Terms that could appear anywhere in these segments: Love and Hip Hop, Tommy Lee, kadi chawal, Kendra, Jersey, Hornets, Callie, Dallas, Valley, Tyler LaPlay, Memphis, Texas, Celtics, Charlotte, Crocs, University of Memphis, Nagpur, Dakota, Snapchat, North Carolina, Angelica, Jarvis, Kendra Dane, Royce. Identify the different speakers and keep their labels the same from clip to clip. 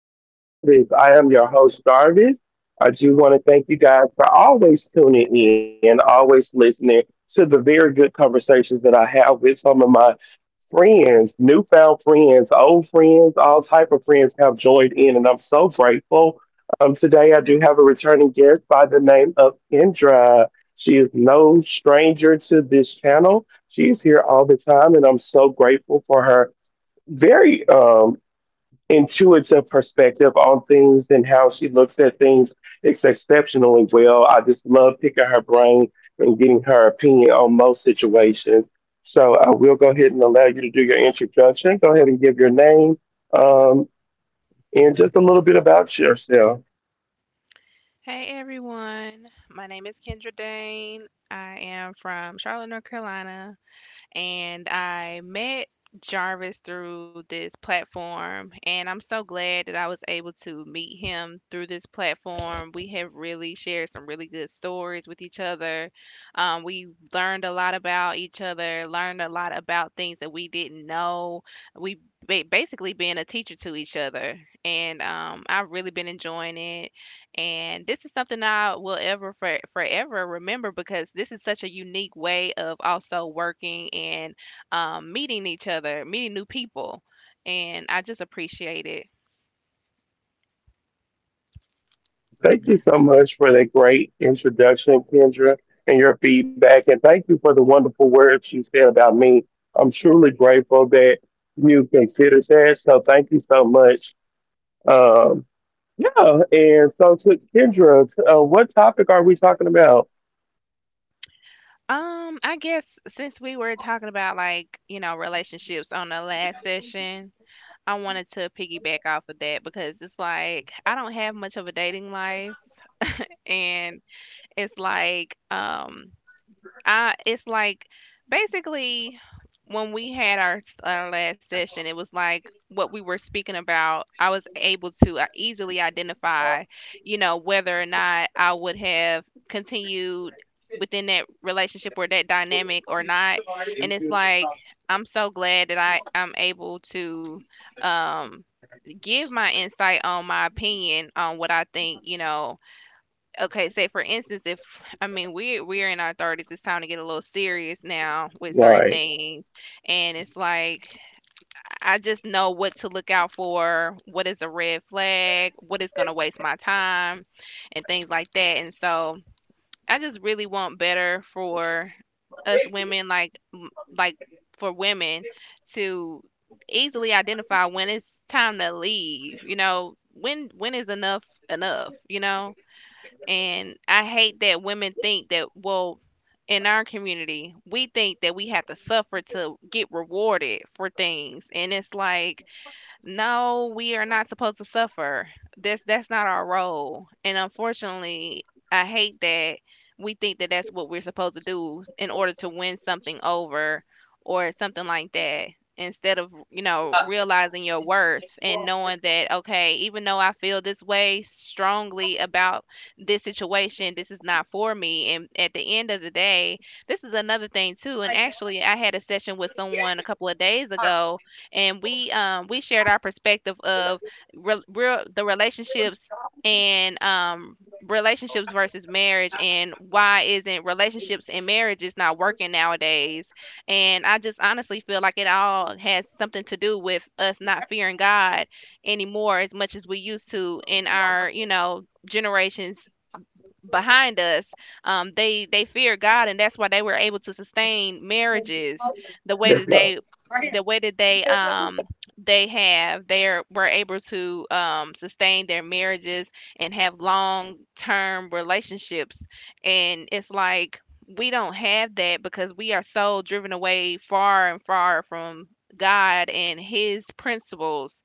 Speaker 1: Safe Place with Jarvis. I am your host, Jarvis. I do want to thank you guys for always tuning in, always listening to the very good conversations that I have with some of my friends, newfound friends, old friends, all type of friends have joined in, and I'm so grateful. Today I do have a returning guest by the name of Kendra. She is no stranger to this channel. She's here all the time, and I'm so grateful for her very intuitive perspective on things and how she looks at things. It's exceptionally well. I just love picking her brain and getting her opinion on most situations. So I will go ahead and allow you to do your introduction. Go ahead and give your name um, and just a little bit about yourself.
Speaker 2: Hey everyone, my name is Kendra Dane. I am from Charlotte, North Carolina, and I met Jarvis through this platform. And I'm so glad that I was able to meet him through this platform. We have really shared some really good stories with each other. We learned a lot about each other, learned a lot about things that we didn't know. We basically being a teacher to each other, and I've really been enjoying it. And this is something I will forever remember because this is such a unique way of also working and meeting each other, meeting new people. And I just appreciate it.
Speaker 1: Thank you so much for that great introduction, Kendra, and your feedback. And thank you for the wonderful words you said about me. I'm truly grateful that you considered that. So thank you so much. Um, yeah, and so to Kendra, what topic are we talking about?
Speaker 2: I guess since we were talking about, like, you know, relationships on the last session, I wanted to piggyback off of that because it's like I don't have much of a dating life and it's like I it's like basically when we had our our last session, it was like what we were speaking about. I was able to easily identify, you know, whether or not I would have continued within that relationship or that dynamic or not. And it's like I'm so glad that I'm able to um give my insight on my opinion on what I think, you know. Okay, say for instance, if I mean we're in our thirties, it's time to get a little serious now with certain
Speaker 1: Right.
Speaker 2: things, and it's like I just know what to look out for, what is a red flag, what is gonna waste my time, and things like that. And so I just really want better for us women, like like for women to easily identify when it's time to leave. You know, when is enough enough. You know and I hate that women think that, well, in our community, we think that we have to suffer to get rewarded for things. And it's like, no, we are not supposed to suffer. That's not our role. And unfortunately, I hate that we think that that's what we're supposed to do in order to win something over or something like that instead of, you know, realizing your worth and knowing that, okay, even though I feel this way strongly about this situation, this is not for me, and at the end of the day, this is another thing too. And actually, I had a session with someone a couple of days ago, and we shared our perspective of re- real the relationships, and relationships versus marriage, and why isn't relationships and marriages not working nowadays. And I just honestly feel like it all has something to do with us not fearing God anymore as much as we used to in our, you know, generations behind us. They feared God, and that's why they were able to sustain marriages the way that
Speaker 1: Okay.
Speaker 2: they the way that they have they are, were able to sustain their marriages and have long term relationships. And it's like we don't have that because we are so driven away far and far from God and His principles.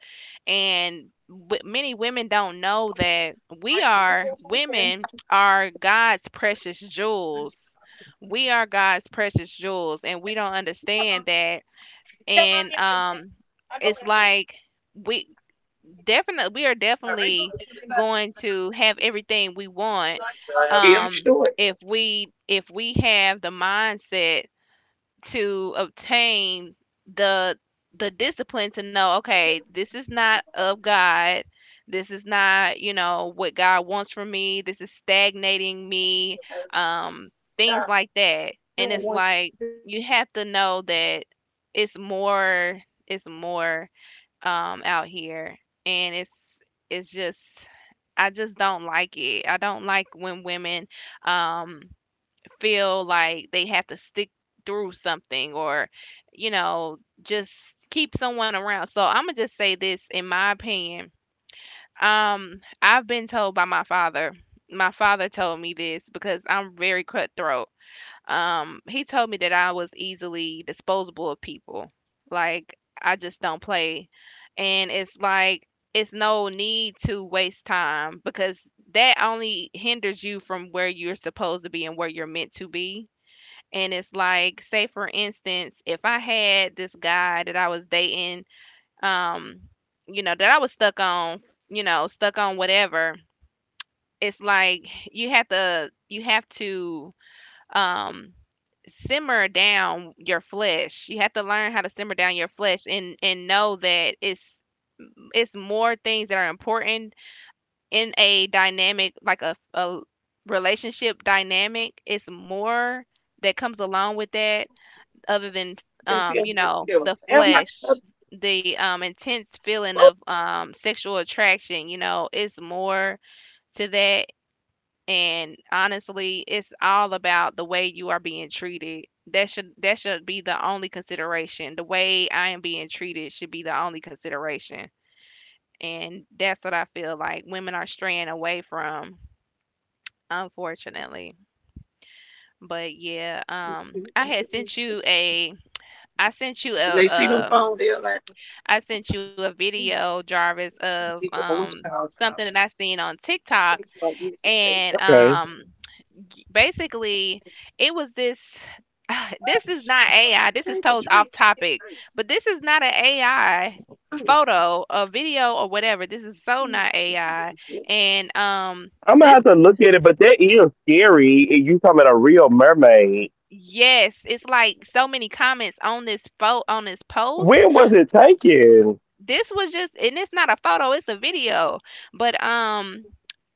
Speaker 2: And many women don't know that we are women are God's precious jewels. We are God's precious jewels, and we don't understand that. And it's like we we are definitely going to have everything we want, um, if we have the mindset to obtain the the discipline to know, okay, this is not of God, this is not, you know, what God wants from me, this is stagnating me. um Things like that. And it's like you have to know that it's more it's more, out here. And it's just I just don't like it. I don't like when women um feel like they have to stick through something, or, you know, just keep someone around. So I'm gonna just say this, in my opinion. I've been told by my father. My father told me this because I'm very cutthroat. He told me that I was easily disposable of people. Like, I just don't play, and it's like it's no need to waste time because that only hinders you from where you're supposed to be and where you're meant to be. And it's like, say for instance, if I had this guy that I was dating, um, you know, that I was stuck on, you know, stuck on whatever, it's like you have to um simmer down your flesh. You have to learn how to simmer down your flesh, and know that it's more things that are important in a dynamic, like a relationship dynamic. It's more that comes along with that other than, you know, the flesh, the intense feeling of sexual attraction. You know, it's more to that. And honestly, it's all about the way you are being treated. That should be the only consideration. The way I am being treated should be the only consideration. And that's what I feel like women are straying away from, unfortunately. But yeah, I had sent you a I sent you a um I sent you a video, Jarvis, of something that I seen on TikTok. And basically, it was this this is not AI. This is told off topic, but this is not an AI photo, a video, or whatever. This is so not AI. And um,
Speaker 1: I'm gonna have
Speaker 2: this
Speaker 1: to
Speaker 2: is,
Speaker 1: look at it, but that is scary. And you talking about a real mermaid?
Speaker 2: yes, it's like so many comments on this photo, on this post.
Speaker 1: When was it taken?
Speaker 2: This was just, and it's not a photo, it's a video. But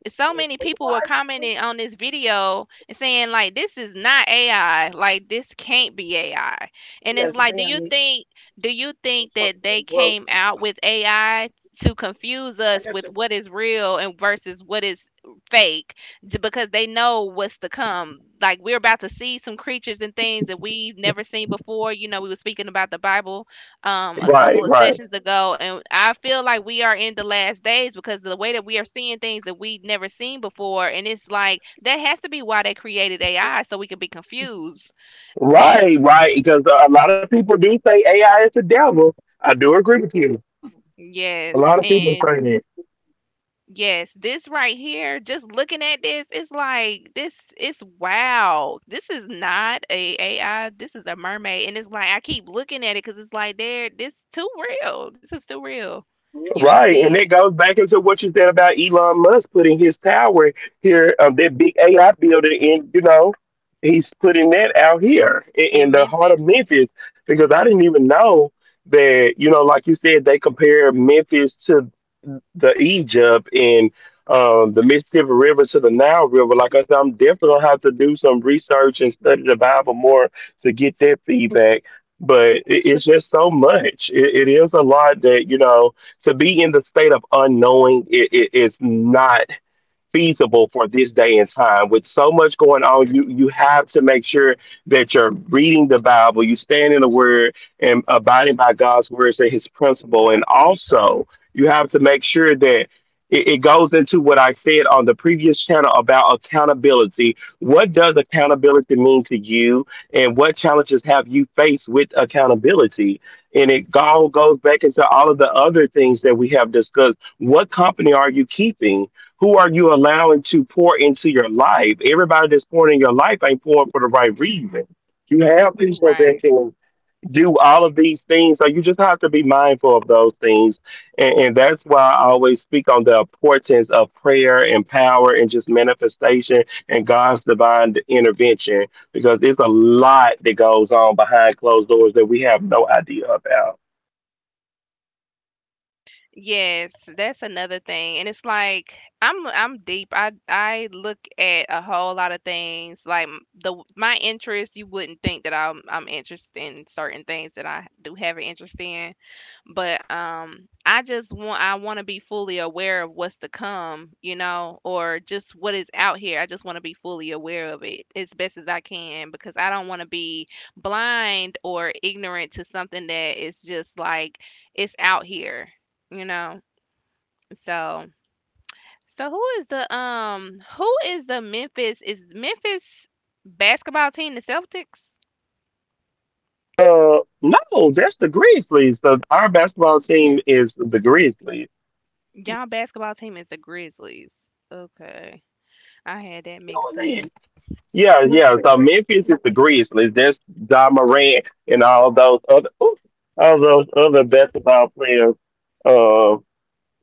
Speaker 2: so many people were commenting on this video and saying, like, this is not AI, like this can't be AI. And it's like, do you think that they came out with AI to confuse us with what is real and versus what is fake, because they know what's to come. Like, we're about to see some creatures and things that we've never seen before. You know, we were speaking about the Bible a
Speaker 1: Right,
Speaker 2: couple of
Speaker 1: right,
Speaker 2: sessions ago, and I feel like we are in the last days because the way that we are seeing things that we've never seen before. And it's like that has to be why they created AI, so we can be confused.
Speaker 1: right, right. Because a lot of people do say AI is the devil. I do agree with you. A
Speaker 2: Yes.
Speaker 1: lot of people
Speaker 2: And
Speaker 1: say that.
Speaker 2: yes, this right here, just looking at this, it's like this, it's wow. This is not a AI. This is a mermaid, and it's like I keep looking at it, cuz it's like there, this too real. This is too real. You should
Speaker 1: Right,
Speaker 2: see
Speaker 1: and that
Speaker 2: it
Speaker 1: goes back into what you said about Elon Musk putting his tower here, that big AI building in. You know, he's putting that out here in,
Speaker 2: in
Speaker 1: the heart of
Speaker 2: Memphis.
Speaker 1: Memphis because I didn't
Speaker 2: Mhm.
Speaker 1: even know that. You know, like you said, they compare Memphis to the Egypt and, the Mississippi River to the Nile River. Like I said, I'm definitely gonna have to do some research and study the Bible more to get that feedback. But it's just so much. It is a lot that, you know, to be in the state of unknowing not feasible for this day and time. With so much going on, you have to make sure that you're reading the Bible, you stand in the Word, and abiding by God's words and His principle. And also, you have to make sure that It goes into what I said on the previous channel about accountability. What does accountability mean to you, and what challenges have you faced with accountability? And it all goes back into all of the other things that we have discussed. What company are you keeping? Who are you allowing to pour into your life? Everybody that's pouring in your life ain't pouring for the right reason. You have people that
Speaker 2: Right.
Speaker 1: can do all of these things, so you just have to be mindful of those things. And that's why I always speak on the importance of prayer and power and just manifestation and God's divine intervention because it's a lot that goes on behind closed doors that we have no idea about.
Speaker 2: Yes, that's another thing. And it's like I'm deep. I look at a whole lot of things. Like, m- the my interest, you wouldn't think that I'm interested in certain things that I do have an interest in. But I just want, I want to be fully aware of what's to come, you know, or just what is out here. I just want to be fully aware of it as best as I can, because I don't want to be blind or ignorant to something that is just like it's out here, you know. So who is the, Memphis, is Memphis basketball team the Celtics?
Speaker 1: No, that's the Grizzlies. So our basketball team is the Grizzlies.
Speaker 2: Y'all basketball team is the Grizzlies. Okay, I had that mixed up.
Speaker 1: Yeah, yeah. So Memphis is the Grizzlies place. That's John Morant and all those other ooh, all those other basketball players uh,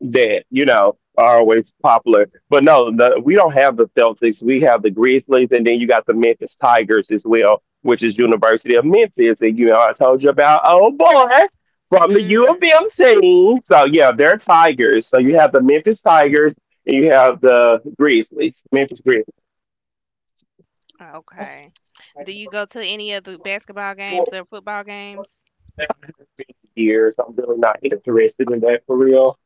Speaker 1: that, you know, are always popular. But no, the, we don't have the Celtics. We have the Grizzlies and then you got the Memphis Tigers as well, which is University of Memphis. And you know, I told you about old boys from the U of
Speaker 2: Mm.
Speaker 1: M team. So yeah, they're Tigers. So you have the Memphis Tigers and you have the Grizzlies, Memphis Grizzlies.
Speaker 2: Okay. Do you go to any of the basketball games or football games?
Speaker 1: Years. I'm really not interested in that for real.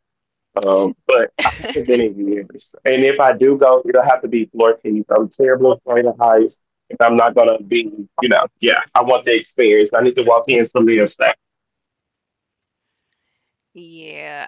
Speaker 1: But I haven't been in years. And if I do go, it'll have to be floor teeth. I'm terrible at playing the heights. And I'm not going to be, you know, yeah, I want the experience. I need to walk in some real stuff.
Speaker 2: Yeah.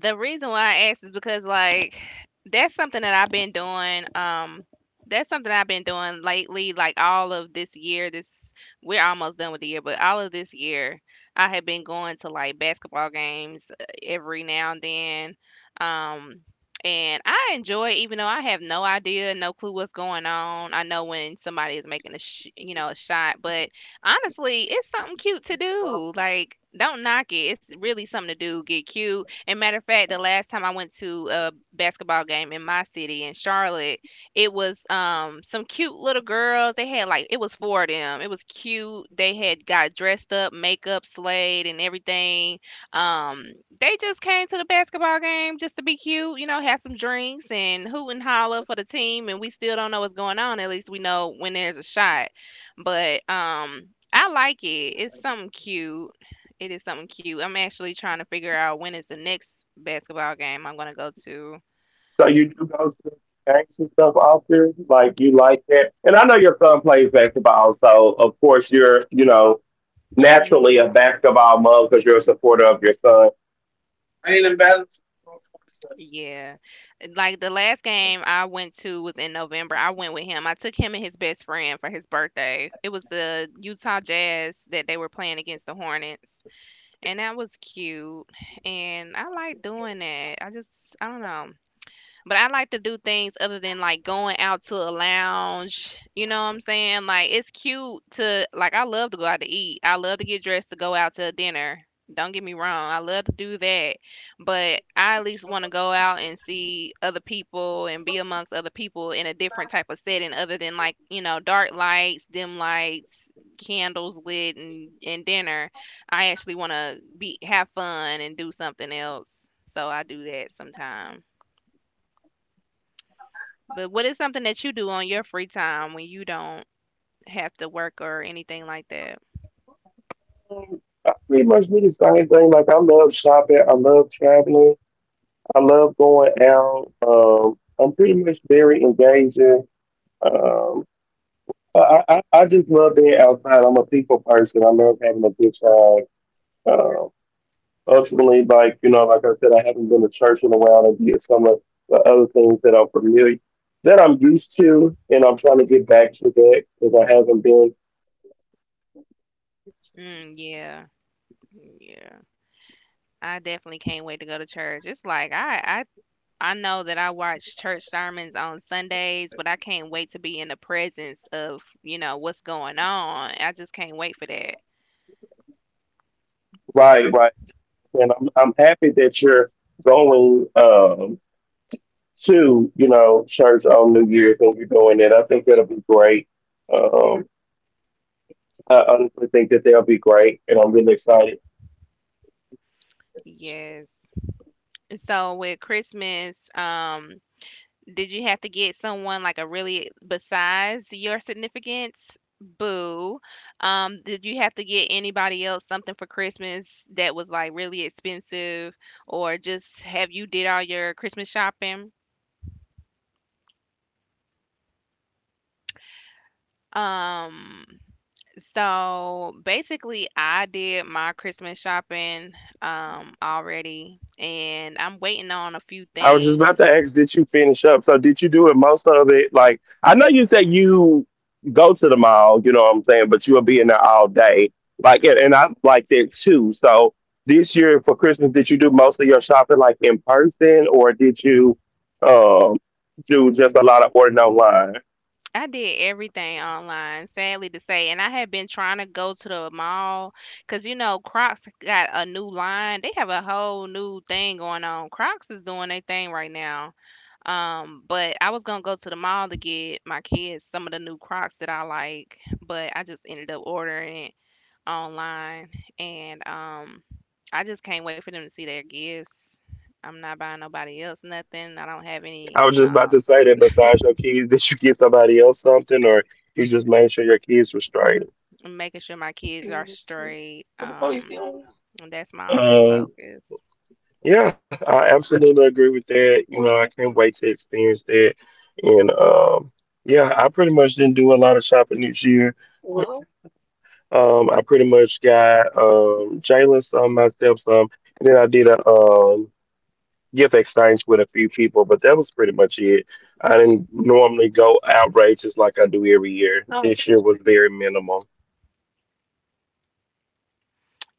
Speaker 2: The reason why I asked is because, like, that's something that I've been doing. That's something I've been doing lately. Like, all of this year, this we're almost done with the year, but all of this year, I have been going to, like, basketball games every now and then. Um, and I enjoy it, even though I have no idea, no clue what's going on. I know when somebody is making a, you know, a shot, but honestly, it's something cute to do. Like, don't knock it. It's really something to do. Get cute. And matter of fact, the last time I went to a basketball game in my city in Charlotte, it was some cute little girls. They had, like, it was four of them. It was cute. They had got dressed up, makeup, slayed, and everything. Um, they just came to the basketball game just to be cute. You know, had some drinks and hoot and holler for the team. And we still don't know what's going on. At least we know when there's a shot. But I like it. It's something cute. It is something cute. I'm actually trying to figure out when is the next basketball game I'm gonna go to.
Speaker 1: So you do go to games and stuff often? Like, you like that? And I know your son plays basketball. So, of course, you're, you know, naturally a
Speaker 2: Hmm.
Speaker 1: basketball mom because you're a supporter of your son.
Speaker 2: Yeah. Like, the last game I went to was in November. I went with him. I took him and his best friend for his birthday. It was the Utah Jazz that they were playing against the Hornets. And that was cute. And I like doing that. I don't know. But I like to do things other than like going out to a lounge. You know what I'm saying? Like it's cute to like I love to go out to eat. I love to get dressed to go out to a dinner. Don't get me wrong. I love to do that. But I at least want to go out and see other people and be amongst other people in a different type of setting other than like, dark lights, dim lights, candles lit and dinner. I actually want to be have fun and do something else. So I do that sometimes. But what is something that you do on your free time when you don't have to work or anything like that?
Speaker 1: I pretty much do the same thing. Like I love shopping. I love traveling. I love going out. I'm pretty much very engaging. Um, I just love being outside. I'm a people person. I love having a good time. Um, Ultimately, like, you know, like I said, I haven't been to church in a while, and did some of the other things that I'm familiar that I'm used to, and I'm trying to get back to that because I haven't been.
Speaker 2: Mm, yeah. Yeah. I definitely can't wait to go to church. It's like I know that I watch church sermons on Sundays, but I can't wait to be in the presence of, you know, what's going on. I just can't wait for that.
Speaker 1: Right, right. And I'm happy that you're going. To, you know, church on New Year's when we're doing it. I think that'll be great. Um, I honestly think that they'll be great, and I'm really excited.
Speaker 2: Yes. So with Christmas, did you have to get someone like a really besides your significance? Boo. Did you have to get anybody else something for Christmas that was like really expensive, or just have you did all your Christmas shopping? Um, so basically, I did my Christmas shopping already, and I'm waiting on a few
Speaker 1: I was just
Speaker 2: things.
Speaker 1: about to ask, did you finish up? So did you do it most of it? Like I know you said you go to the mall, you know what I'm saying, but you'll be in there all day. Like and
Speaker 2: Mm-hmm.
Speaker 1: and I'm like that too. So this year for Christmas, did you do most of your shopping like in person, or did you um, do just a lot of ordering online?
Speaker 2: I did everything online, sadly to say, and I had been trying to go to the mall because you know Crocs got a new line. They have a whole new thing going on. Crocs is doing their thing right now. But I was gonna go to the mall to get my kids some of the new Crocs that I like, but I just ended up ordering it online, and I just can't wait for them to see their gifts. I'm not buying nobody else nothing. I don't have any.
Speaker 1: I was just about to say that besides your keys, did you get somebody else something or you just made sure your keys were straight?
Speaker 2: And making sure my kids are straight. And that's my only
Speaker 1: Um,
Speaker 2: focus.
Speaker 1: yeah, I absolutely agree with that. You know, I can't wait to experience that. And yeah, I pretty much didn't do a lot of shopping this year. I pretty much got Jalen some, myself some, and then I did a gift exchange with a few people, but that was pretty much it. I didn't normally go outrageous like I do every year. This year was very minimal.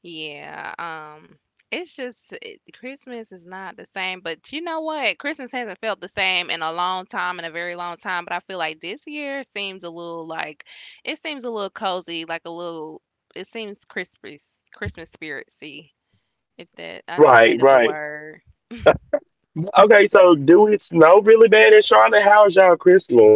Speaker 2: Yeah. It's just Christmas is not the same, but you know what? Christmas hasn't felt the same in a long time, in a very long time. But I feel like this year seems a little like it seems a little cozy, like a little. It seems Christmas, Christmas spiritsy. If that, I just
Speaker 1: Right,
Speaker 2: made up a
Speaker 1: right.
Speaker 2: word.
Speaker 1: Okay, so do it snow really bad in Charlotte? How's y'all Christmas?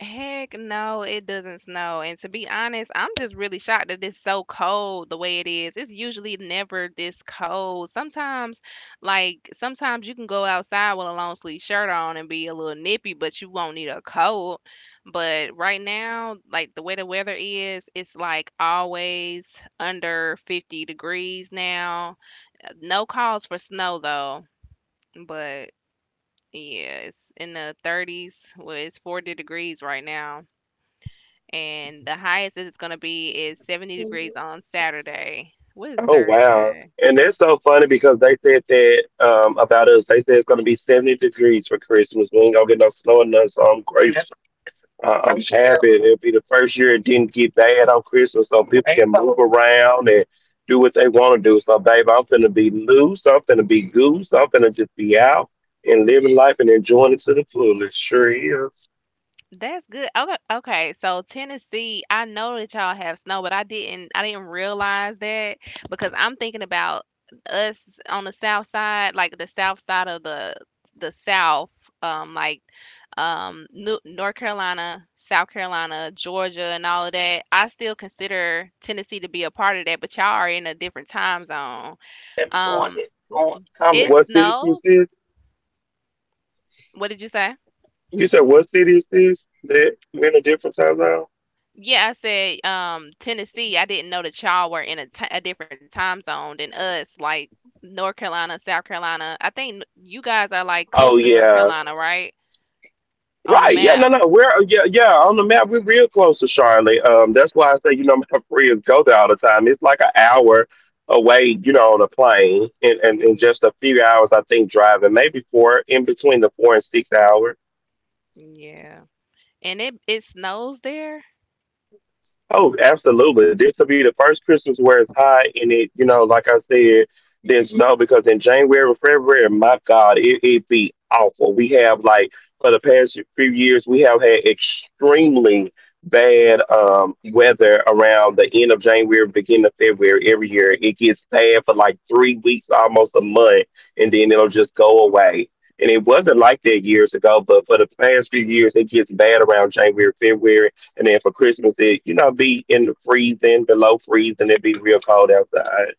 Speaker 2: Heck no, it doesn't snow. And to be honest, I'm just really shocked that it's so cold the way it is. It's usually never this cold. Sometimes, like, sometimes you can go outside with a long sleeve shirt on and be a little nippy, but you won't need a coat. But right now, like, the way the weather is, it's like always under 50 degrees now. No calls for snow, though. But yeah, it's in the 30s. Well, it's 40 degrees right now and the highest that it's gonna be is 70 degrees on Saturday. What is
Speaker 1: Oh wow.
Speaker 2: Thursday?
Speaker 1: And that's so funny because they said that about us, they said it's gonna be 70 degrees for Christmas. We ain't gonna get no snow and nothing, so I'm that's grateful. I'm happy it'll be the first year it didn't get bad on Christmas so people can move around and do what they wanna do. So babe, I'm finna be loose, I'm finna be goose, I'm finna just be out and living life and enjoying it to the fullest. Sure is.
Speaker 2: That's good. Okay, okay. So Tennessee, I know that y'all have snow, but I didn't realize that because I'm thinking about us on the south side, like the south side of the south, like North Carolina, South Carolina, Georgia and all of that. I still consider Tennessee to be a part of that, but y'all are in a different time zone. Um
Speaker 1: How,
Speaker 2: It
Speaker 1: what city was
Speaker 2: snowed.
Speaker 1: this?
Speaker 2: What did you say?
Speaker 1: You said what city is this that we're in a different time zone?
Speaker 2: Yeah, I said Tennessee. I didn't know that y'all were in a a different time zone than us, like North Carolina, South Carolina. I think you guys are like close
Speaker 1: Oh
Speaker 2: to North
Speaker 1: yeah.
Speaker 2: Carolina, right? On the
Speaker 1: Right. Yeah,
Speaker 2: map.
Speaker 1: no, no. We're yeah, yeah, on the map, we're real close to Charlotte. That's why I say, you know, my friends go there all the time. It's like an hour away, you know, on a plane and,
Speaker 2: Mm,
Speaker 1: just a few hours I think driving, maybe four in between the 4 and 6 hours.
Speaker 2: yeah. And it snows there.
Speaker 1: Oh, absolutely. This will be the first Christmas where it's hot and it, you know, like I said, there's snow because in January and February, my God, it be awful. We have like for the past few years, we have had extremely bad weather around the end of January, beginning of February every year. It gets bad for like 3 weeks, almost a month, and then it'll just go away. And it wasn't like that years ago, but for the past few years, it gets bad around January, February and then for Christmas, it, you know, be in the freezing, below freezing. It be real cold outside.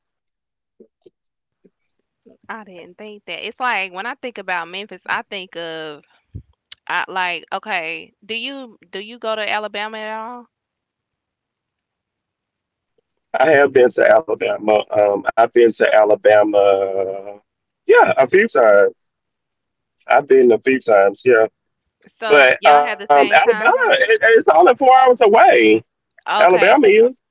Speaker 2: I didn't think that. It's like when I think about Memphis, I think of I like okay, do you go to Alabama at all?
Speaker 1: I have been to Alabama. I've been to Alabama. Yeah, a few times. I've been a few times. Yeah,
Speaker 2: So
Speaker 1: but
Speaker 2: y'all have the same
Speaker 1: Alabama,
Speaker 2: time zone?
Speaker 1: it's only 4 hours away.
Speaker 2: Okay.
Speaker 1: Alabama is.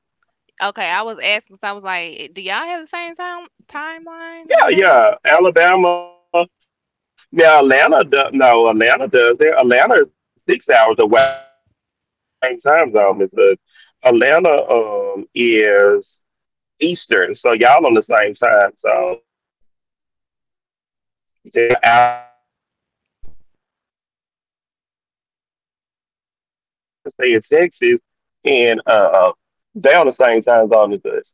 Speaker 2: Okay, I was asking 'cause I was like, "Eh, do y'all have the same timeline or whatever?"
Speaker 1: Yeah, yeah. Alabama. Now Atlanta. Do, no, Atlanta does it. Atlanta is 6 hours away, and they do not have the same time zone as us. Atlanta is Eastern, so y'all on the same time, so they're an hour ahead as well. But it's weird because you remember I told you Jada stay in Texas, and they on the same time zone as us.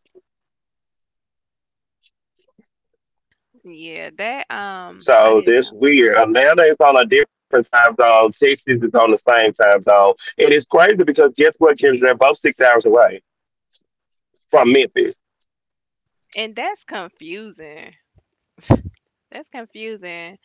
Speaker 2: Yeah, that I
Speaker 1: So
Speaker 2: didn't
Speaker 1: that's
Speaker 2: know.
Speaker 1: weird. Atlanta is on a different time zone. Texas is on the same time zone, and it's crazy because guess what, Kendra? They're both 6 hours away from Memphis.
Speaker 2: And that's confusing. That's confusing.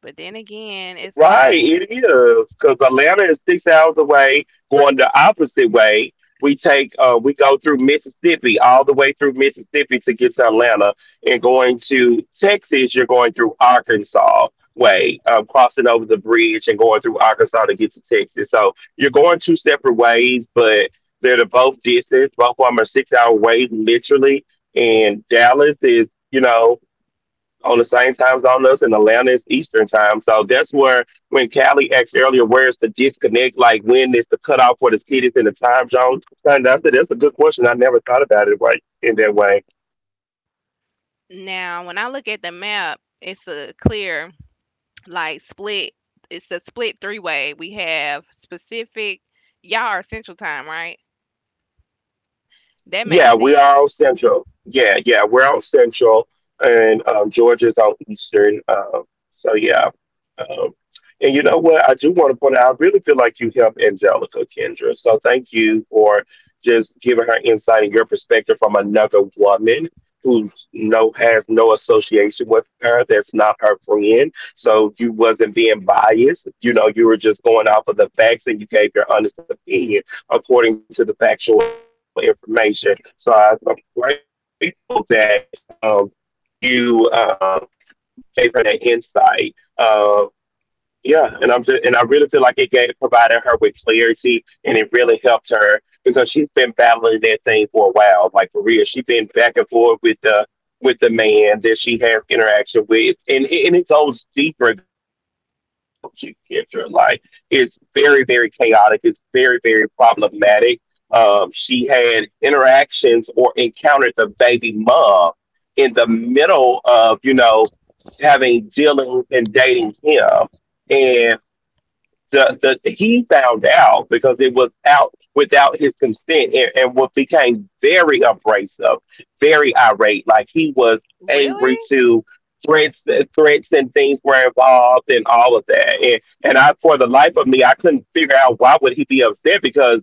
Speaker 2: But then again, it's
Speaker 1: Right,
Speaker 2: like
Speaker 1: it is because Atlanta is 6 hours away, going the opposite way. We take, we go through Mississippi all the way through Mississippi to get to Atlanta, and going to Texas, you're going through Arkansas way, crossing over the bridge and going through Arkansas to get to Texas. So you're going two separate ways, but they're the both distance. Both of them are 6 hour ways, literally. And Dallas is, you know, on the same time zone as us in Atlanta is Eastern time. So that's where when Callie asked earlier, where's the disconnect? Like, when is the cutoff for the cities in the time zone? And I said that's a good question. I never thought about it right in that way.
Speaker 2: now when I look at the map, it's a clear like split it's a split three way. We have specific y'all are central time, right? That
Speaker 1: Yeah,
Speaker 2: makes
Speaker 1: we are
Speaker 2: sense.
Speaker 1: all central. Yeah, yeah, we're out central, and Georgia's out eastern. So yeah, um, and you know what? I do want to point out, I really feel like you helped Angelica, Kendra. So thank you for just giving her insight and your perspective from another woman who's has no association with her. That's not her friend. So you wasn't being biased. You know, you were just going off of the facts, and you gave your honest opinion according to the factual information. So I'm grateful that you gave her that insight. Uh, yeah, and I really feel like it gave provided her with clarity, and it really helped her because she's been battling that thing for a while. Like, for real, she's been back and forth with the man that she has interaction with, and it goes deeper than what she told you, Kendra. Like, it's very very chaotic. It's very very problematic. She had interactions or encountered the baby mom in the middle of, you know, having dealings and dating him. And the he found out because it was out without his consent, and what became very abrasive, very irate. Like, he was
Speaker 2: Really?
Speaker 1: angry to threats threats and things were involved and all of that. And I, for the life of me, I couldn't figure out why would he be upset because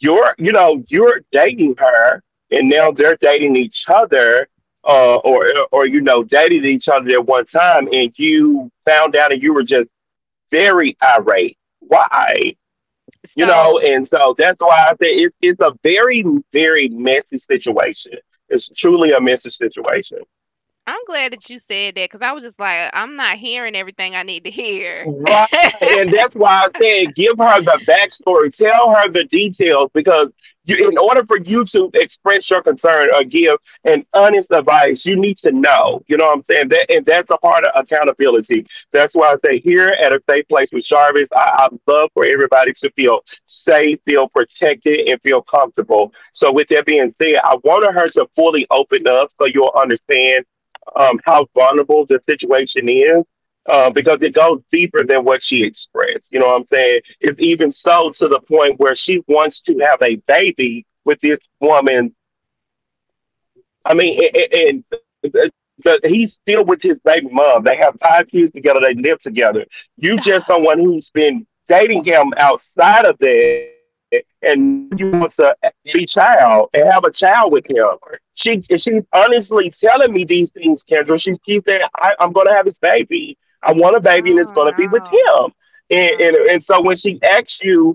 Speaker 1: you're, you know, you're dating her, and now they're dating each other, uh, or or, you know, dating each other at one time, and you found out and you were just very irate. Why? You
Speaker 2: So
Speaker 1: know, and so that's why I say it's a very, very messy situation. It's truly a messy situation.
Speaker 2: I'm glad that you said that because I was just like, I'm not hearing everything I need to hear.
Speaker 1: Right. And that's why I said give her the backstory. Tell her the details because you, in order for you to express your concern or give an honest advice, you need to know. You know what I'm saying? That, and that's a part of accountability. That's why I say here at a safe place with Jarvis, I love for everybody to feel safe, feel protected, and feel comfortable. So with that being said, I wanted her to fully open up so you'll understand how vulnerable the situation is because it goes deeper than what she expressed. You know what I'm saying? It's even so to the point where she wants to have a baby with this woman. I mean, a- and, he's still with his baby mom. They have five kids together. They live together. You just someone who's been dating him outside of that, and now you want to be child and have a child with him. She's honestly telling me these things, Kendra. She's keeps saying, I, "I'm going to have this baby. I want a baby, and it's going to
Speaker 2: Oh
Speaker 1: be with
Speaker 2: no,
Speaker 1: him." And,
Speaker 2: no.
Speaker 1: so when she asks you,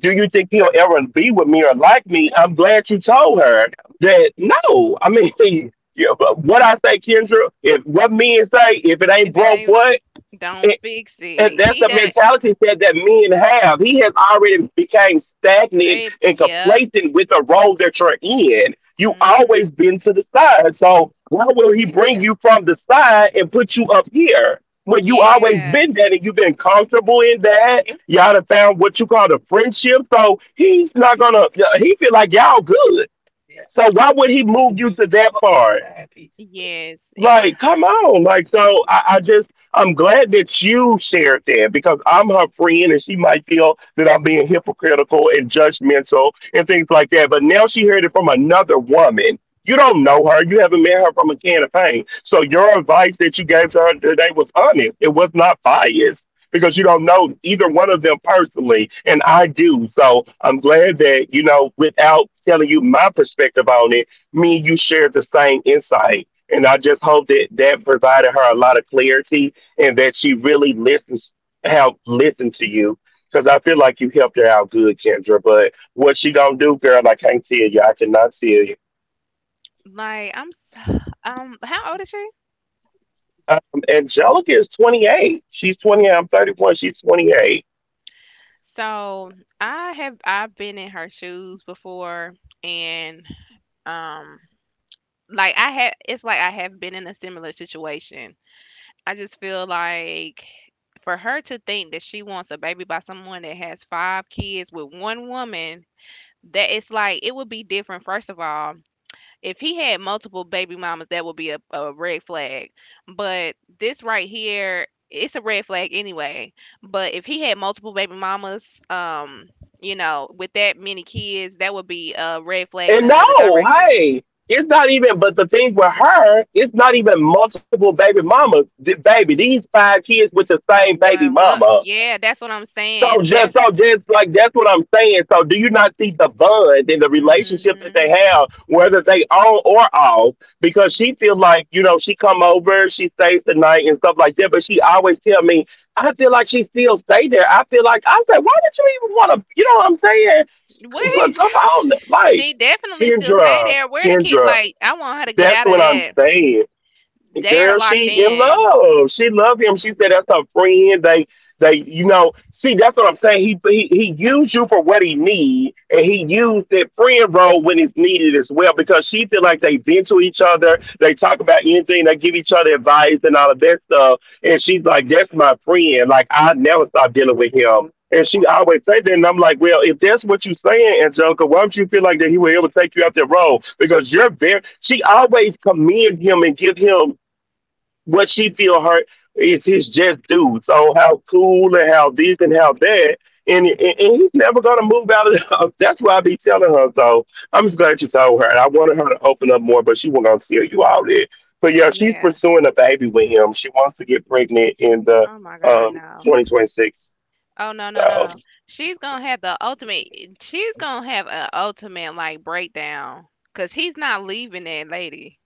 Speaker 1: "Do you think he'll ever be with me or like me?" I'm glad you told her that no. I mean, yeah, but what I say, Kendra, if what men say, if it ain't
Speaker 2: If it
Speaker 1: broke,
Speaker 2: ain't
Speaker 1: what?
Speaker 2: don't fix
Speaker 1: And
Speaker 2: it.
Speaker 1: that's
Speaker 2: He
Speaker 1: the
Speaker 2: done
Speaker 1: mentality that, men have. He has already become stagnant
Speaker 2: babe,
Speaker 1: and
Speaker 2: yep.
Speaker 1: complacent with the role that you're in. You always
Speaker 2: Mhm.
Speaker 1: been to the side. So why will he bring you from the side and put you up here? When you always
Speaker 2: Yeah.
Speaker 1: been that and you've been comfortable in that, y'all done found what you call a friendship. So he's not gonna He feel like y'all good. So why would he move you to that part?
Speaker 2: Yes. It,
Speaker 1: Like, come on. Like, so I'm glad that you shared that because I'm her friend and she might feel that I'm being hypocritical and judgmental and things like that. But now she heard it from another woman. You don't know her. You haven't met her from a can of paint. So your advice that you gave to her today was honest. It was not biased because you don't know either one of them personally. And I do. So I'm glad that, you know, without telling you my perspective on it, me and you shared the same insight, and I just hope that that provided her a lot of clarity and that she really listens, help listen to you. Because I feel like you helped her out good, Kendra. But what she gonna do, girl? I can't tell you. I cannot tell you.
Speaker 2: like I'm so, how old is she?
Speaker 1: Um, Angelica is 28. She's 28. I'm 31. She's 28.
Speaker 2: So, I've been in her shoes before and um like I had it's like I have been in a similar situation. I just feel like for her to think that she wants a baby by someone that has five kids with one woman. That it's like it would be different, first of all. If he had multiple baby mamas, that would be a red flag. But this right here, it's a red flag anyway. But if he had multiple baby mamas, you know, with that many kids, that would be a red flag in
Speaker 1: And
Speaker 2: another
Speaker 1: no,
Speaker 2: direction.
Speaker 1: hey, it's not even. But the thing with her, it's not even multiple baby mamas. These five kids with the same
Speaker 2: But
Speaker 1: baby mama.
Speaker 2: yeah, that's what I'm saying. That's
Speaker 1: So just like that's what I'm saying. So do you not see the bond and the relationship that they
Speaker 2: hmm
Speaker 1: have, whether they on or off? Because she feel like, you know, she come over, she stays the night and stuff like that. But she always tell me, I feel like she still stay there. I feel like, I said, why would you even want to? You know what I'm saying?
Speaker 2: what
Speaker 1: But come on, like,
Speaker 2: she definitely still stay
Speaker 1: Kendra,
Speaker 2: there. Where the kid?
Speaker 1: Kendra.
Speaker 2: Like, I want her to get
Speaker 1: That's
Speaker 2: out of
Speaker 1: what I'm
Speaker 2: that.
Speaker 1: saying. The
Speaker 2: They are
Speaker 1: Girl,
Speaker 2: locked
Speaker 1: she in
Speaker 2: in.
Speaker 1: love. She love him. She said that's her friend. They you know, see that's what I'm saying. He used you for what he need and he used that friend role when it's needed as well because she feel like they vent to each other, they talk about anything, they give each other advice and all of that stuff. And she's like, that's my friend. Like, I never stop dealing with him. And she always say that, and I'm like, well, if that's what you saying, Angelica, why don't you feel like that he will ever take you out that road? Because you're very. She always commend him and give him what she feel hurt is his just due. So how cool and how this and how that, and he's never gonna move out of. The, that's why I be telling her. So I'm just glad you told her. And I wanted her to open up more, but she wasn't gonna tell you all that. So yeah, she's
Speaker 2: Yeah.
Speaker 1: pursuing a baby with him. She wants to get pregnant in the
Speaker 2: Oh my God, no.
Speaker 1: 2026.
Speaker 2: Oh no, no, no,
Speaker 1: So
Speaker 2: no. She's gonna have the ultimate she's gonna have an ultimate like breakdown. Cause he's not leaving that lady.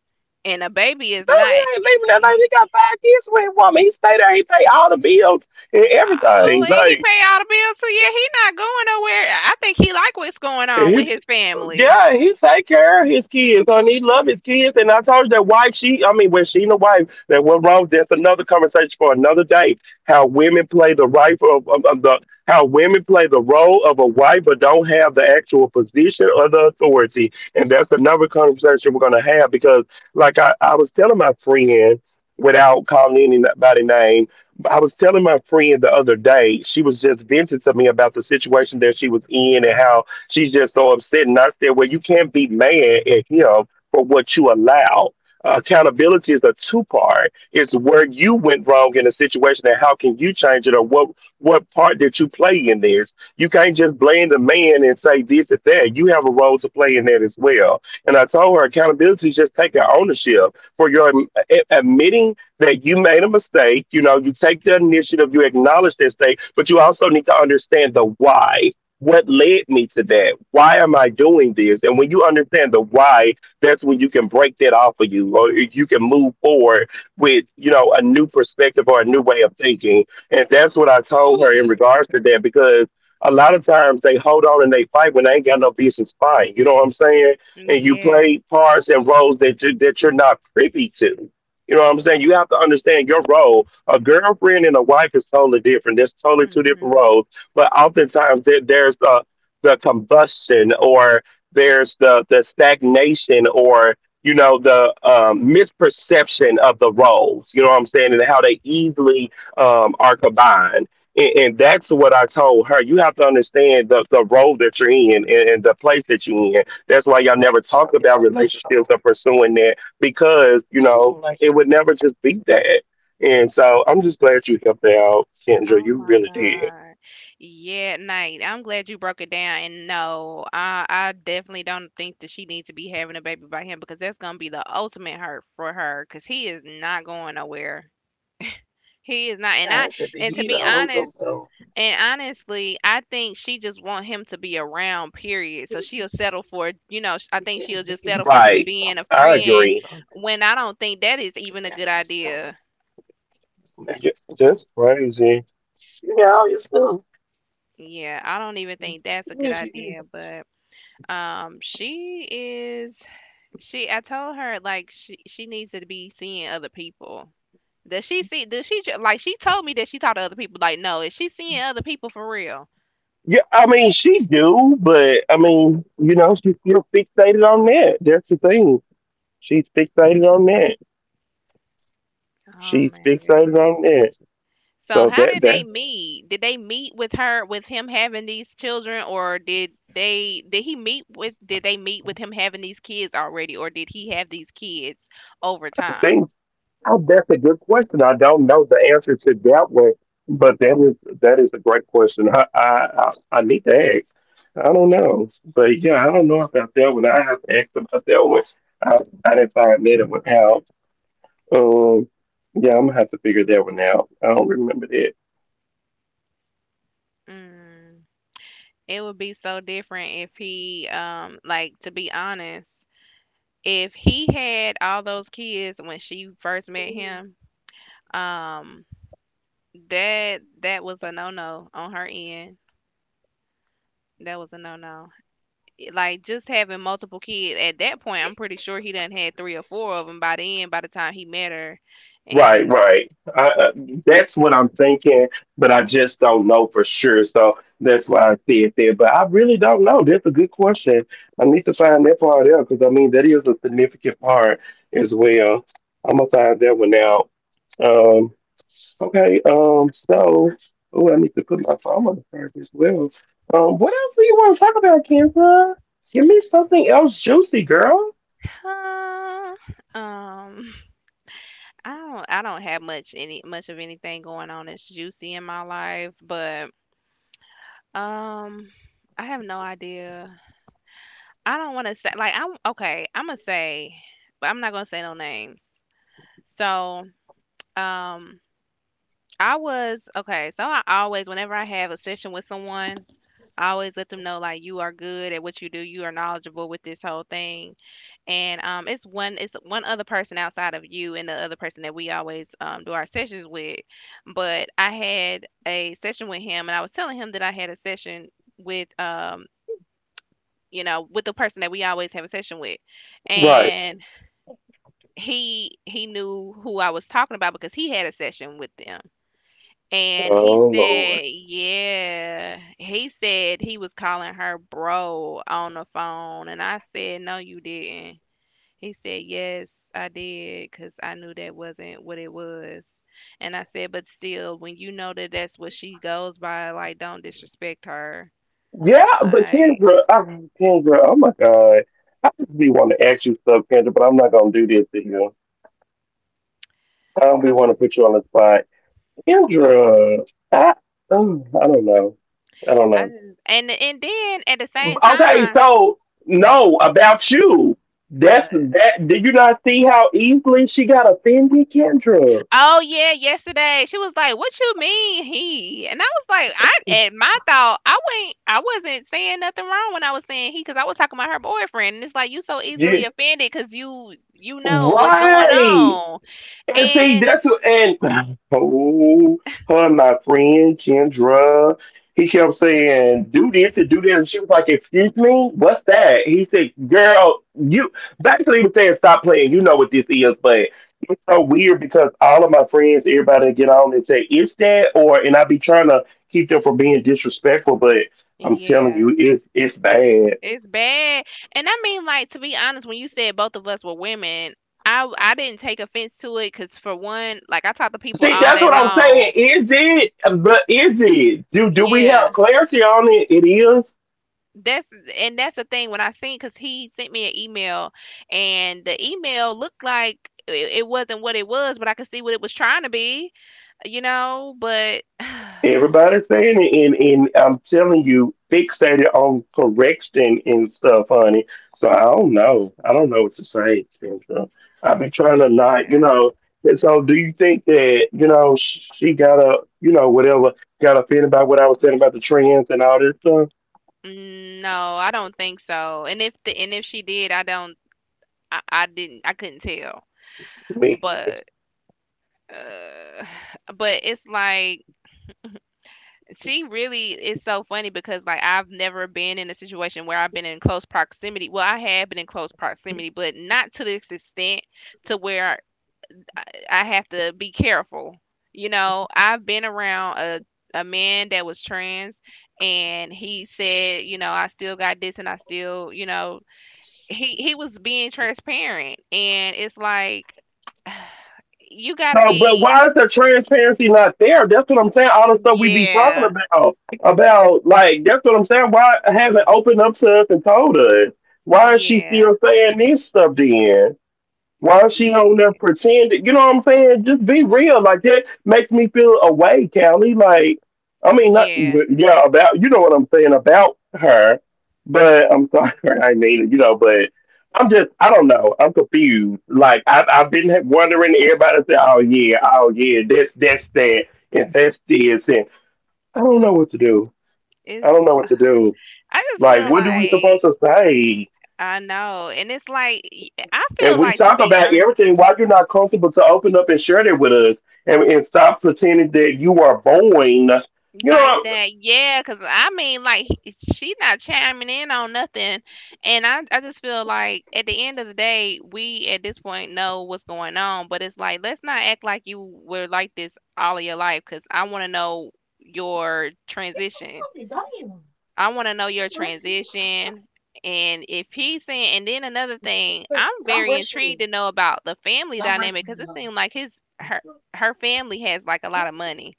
Speaker 2: And the
Speaker 1: no,
Speaker 2: baby
Speaker 1: he
Speaker 2: is
Speaker 1: ain't leaving
Speaker 2: not
Speaker 1: that lady. He got
Speaker 2: eh,
Speaker 1: five kids with a woman. He stay there. He pay all the bills and everything.
Speaker 2: oh,
Speaker 1: Like.
Speaker 2: and he pay all the bills, so yeah, he not going nowhere. I think he like what's going on
Speaker 1: He,
Speaker 2: with his family.
Speaker 1: yeah, he take care of his kids, and he love his kids. And I told you that why she, I mean, when she and the wife, that what wrong? That's another conversation for another day. How women play the right of, the how women play the role of a wife, but don't have the actual position or the authority. And that's another conversation we're gonna have because, like, I was telling my friend, without calling anybody name, I was telling my friend the other day. She was just venting to me about the situation that she was in and how she's just so upset. And I said, well, you can't be mad at him for what you allow. Accountability is a two part. It's where you went wrong in a situation and how can you change it? Or what part did you play in this? You can't just blame the man and say this and that. You have a role to play in that as well. And I told her accountability is just taking ownership for your admitting that you made a mistake. You know, you take the initiative, you acknowledge this thing, but you also need to understand the why, what led me to that? Why am I doing this? And when you understand the why, that's when you can break that off of you, or you can move forward with, you know, a new perspective or a new way of thinking. And that's what I told her in regards to that, because a lot of times they hold on and they fight when they ain't got no business fighting. You know what I'm saying?
Speaker 2: Mm,
Speaker 1: And you
Speaker 2: yeah.
Speaker 1: play parts and roles that you're not privy to. You know what I'm saying? You have to understand your role. A girlfriend and a wife is totally different. That's totally two different
Speaker 2: Hmm.
Speaker 1: roles, but oftentimes there's the combustion or the stagnation, or, you know, the misperception of the roles. You know what I'm saying, and how they easily are combined. And, that's what I told her. You have to understand the role that you're in, and the place that you're in. That's why y'all never talk about relationships or pursuing that because you know it would never just be that. And so I'm just glad you helped out, Kendra.
Speaker 2: Oh
Speaker 1: You
Speaker 2: my
Speaker 1: really did.
Speaker 2: God. Yeah, Night. I'm glad you broke it down. And no, I definitely don't think that she needs to be having a baby by him because that's gonna be the ultimate hurt for her because he is not going nowhere. He is not. And to be honest, and honestly, I think she just want him to be around, period. So she'll settle for, you know, I think she'll just settle for him
Speaker 1: Like,
Speaker 2: being a
Speaker 1: I
Speaker 2: friend
Speaker 1: agree.
Speaker 2: when I don't think that is even a good idea.
Speaker 1: Ju- That's crazy.
Speaker 2: Yeah, I don't even think that's a good idea. But Um, she is she I told her like she needs to be seeing other people. Does she see like she told me that she talked to other people like no, is she seeing other people for real?
Speaker 1: Yeah, I mean, she do, but I mean, you know, she's still fixated on that. That's the thing. She's fixated on that.
Speaker 2: Oh
Speaker 1: She's
Speaker 2: my
Speaker 1: fixated
Speaker 2: goodness.
Speaker 1: on that.
Speaker 2: So
Speaker 1: So
Speaker 2: how
Speaker 1: that
Speaker 2: did they
Speaker 1: that
Speaker 2: meet? Did they meet with her with him having these children or did he meet with did they meet with him having these kids already or did he have these kids over time?
Speaker 1: thing. Oh, that's a good question. I don't know the answer to that one, but that is a great question. I need to ask. I don't know, but yeah, I don't know about that one. I have to ask about that one. I, I didn't find that one out. Um, yeah, I'm gonna have to figure that one out. I don't remember that.
Speaker 2: Mm. It would be so different if he like to be honest if he had all those kids when she first met him, um, that that was a no no on her end. That was a no no. Like just having multiple kids at that point, I'm pretty sure he done had three or four of them by the end. By the time he met her,
Speaker 1: Right,
Speaker 2: and
Speaker 1: right. I, uh, that's what I'm thinking, but I just don't know for sure. So that's why I said there. But I really don't know. That's a good question. I need to find that part out because I mean that is a significant part as well. I'm gonna find that one out. Um, okay. So oh, I need to put my phone on charge as well. What else do you want to talk about, Kendra? Give me something else juicy, girl.
Speaker 2: uh, um, I don't have much any much of anything going on that's juicy in my life, but um, I have no idea. I don't wanna say like, I'm okay, Imma say but I'm not gonna say no names. So, um, I was okay, so I always whenever I have a session with someone, I always let them know, like, you are good at what you do, you are knowledgeable with this whole thing, and, it's one other person outside of you and the other person that we always, do our sessions with, but I had a session with him, and I was telling him that I had a session with, you know, with the person that we always have a session with, Mhm.
Speaker 1: Right.
Speaker 2: and he knew who I was talking about because he had a session with them. And he
Speaker 1: Oh Lord.
Speaker 2: said, yeah, he said he was calling her bro on the phone. And I said, no, you didn't. He said, yes, I did, because I knew that wasn't what it was. And I said, but still, when you know that that's what she goes by, like, don't disrespect her.
Speaker 1: Yeah, but
Speaker 2: Like,
Speaker 1: Kendra, oh my God. I just be want to ask you stuff, Kendra, but I'm not going to do this to you. I don't be
Speaker 2: I'm,
Speaker 1: want to put you on the spot. Kendra, I, oh, I don't know. I don't
Speaker 2: I,
Speaker 1: know.
Speaker 2: and then at the same
Speaker 1: Okay,
Speaker 2: time,
Speaker 1: so, no, about you. That's
Speaker 2: what?
Speaker 1: that. Did you not see how easily she got offended, Kendra?
Speaker 2: Oh yeah, yesterday she was like, "What you mean he?" And I was like, "I at my thought, I went, I wasn't saying nothing wrong when I was saying he, because I was talking about her boyfriend, and it's like you so
Speaker 1: Yeah.
Speaker 2: easily offended because you know what's going
Speaker 1: Right.
Speaker 2: on,
Speaker 1: And see,
Speaker 2: and
Speaker 1: that's what, and oh, her, my friend Kendra, he kept saying, do this and do that. And she was like, excuse me, what's that? He said, girl, you basically he was saying, stop playing. You know what this is. But it's so weird because all of my friends, everybody get on and say, it's that, or, and I be trying to keep them from being disrespectful, but I'm telling you,
Speaker 2: yeah,
Speaker 1: it's bad.
Speaker 2: it's bad. And to be honest, when you said both of us were women, I didn't take offense to it because for one, like I talk to people
Speaker 1: See,
Speaker 2: all
Speaker 1: that's
Speaker 2: day
Speaker 1: what I'm saying.
Speaker 2: long,
Speaker 1: Is it? But is it? Do we
Speaker 2: yeah.
Speaker 1: have clarity on it? It is.
Speaker 2: that's and that's the thing when I seen because he sent me an email and the email looked like it wasn't what it was, but I could see what it was trying to be, but
Speaker 1: Everybody's saying it, and I'm telling you, fixated on correction and stuff, honey. So I don't know. I don't know what to say, Kendra. I've been trying to not,
Speaker 2: yeah.
Speaker 1: And so, do you think that she got a, whatever, got offended by what I was saying about the trends and all this stuff?
Speaker 2: Mm, no, I don't think so. And if the and if she did, I don't, I didn't, I couldn't tell.
Speaker 1: Me.
Speaker 2: But uh, but it's like she really is so funny because like I've never been in a situation where I've been in close proximity. Well, I have been in close proximity, but not to this extent to where I, I have to be careful. You know, I've been around a man that was trans and he said, you know, I still got this and I still, you know, he was being transparent and it's like you got to
Speaker 1: So, but
Speaker 2: be
Speaker 1: why is the transparency not there? That's what I'm saying. All the stuff we be talking
Speaker 2: yeah,
Speaker 1: about like that's what I'm saying. Why haven't opened up to us and told us? Why is she
Speaker 2: yeah,
Speaker 1: still saying this stuff then? Why she on there
Speaker 2: yeah,
Speaker 1: pretending? You know what I'm saying? Just be real. Like that makes me feel away, Callie. Like, I mean, not
Speaker 2: yeah.
Speaker 1: but, yeah about you know what I'm saying about her, but I'm sorry, I mean but I'm just I don't know. I'm confused. Like I've been wondering. Everybody say, oh yeah, oh yeah, that's that and that's this and I don't know what to do. I don't
Speaker 2: It's
Speaker 1: know what to do.
Speaker 2: I just
Speaker 1: Like,
Speaker 2: feel
Speaker 1: what do we supposed
Speaker 2: like
Speaker 1: to say?
Speaker 2: I know, and it's like I
Speaker 1: And
Speaker 2: feel
Speaker 1: we
Speaker 2: like to
Speaker 1: talk
Speaker 2: be
Speaker 1: about
Speaker 2: honest,
Speaker 1: everything. Why you're not comfortable to open up and share that with us, and stop pretending that you are boring. You
Speaker 2: like
Speaker 1: know,
Speaker 2: that, yeah. Cause he, she not chiming in on nothing, and I just feel like at the end of the day, we at this point know what's going on, but it's like let's not act like you were like this all of your life, cause I want to know your transition. I want to know your transition. And if he's saying, and then another thing, I'm very intrigued to know about the family dynamic because it seemed like his her her family has like a lot of money.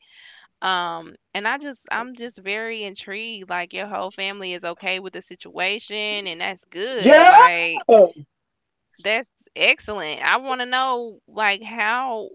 Speaker 2: And I just I'm just very intrigued. Like your whole family is okay with the situation, and that's good.
Speaker 1: yeah,
Speaker 2: Like
Speaker 1: that's
Speaker 2: that's excellent. I want to know like how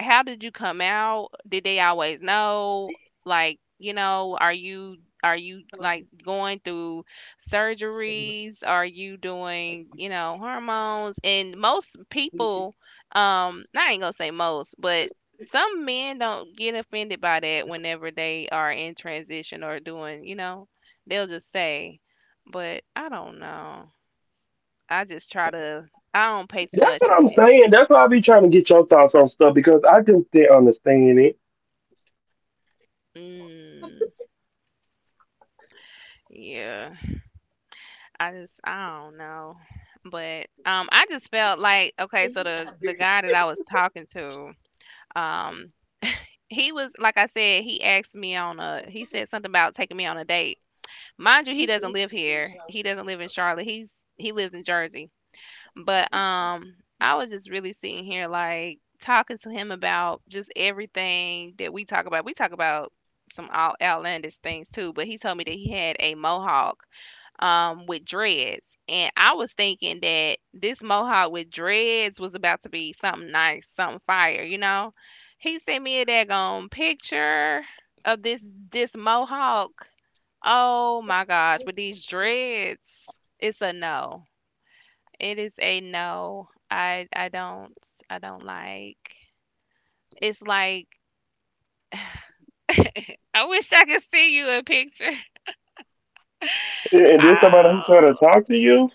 Speaker 2: how did you come out? Did they always know? Like, you know, are you like going through surgeries? Are you doing, you know, hormones? And most people I ain't going to say most, but some men don't get offended by that whenever they are in transition or doing, you know, they'll just say, but I don't know. I just try to I don't pay too
Speaker 1: what
Speaker 2: much
Speaker 1: I'm
Speaker 2: attention.
Speaker 1: saying. That's why I be trying to get your thoughts on stuff because I just didn't understand it.
Speaker 2: Mm, yeah. I just I don't know. But I just felt like okay, so the guy that I was talking to, um he was like I said, he said something about taking me on a date. Mind you, he doesn't live here. He doesn't live in Charlotte. He's he lives in Jersey. But I was just really sitting here like talking to him about just everything that we talk about. We talk about some outlandish things too, but he told me that he had a mohawk with dreads, and I was thinking that this mohawk with dreads was about to be something nice, something fire, you know. He sent me a daggone picture of this mohawk. Oh my gosh, with these dreads, it's a no. It is a no. I don't I don't like. It's like I wish I could see you a picture.
Speaker 1: And there's somebody who trying to
Speaker 2: Oh,
Speaker 1: talk to you.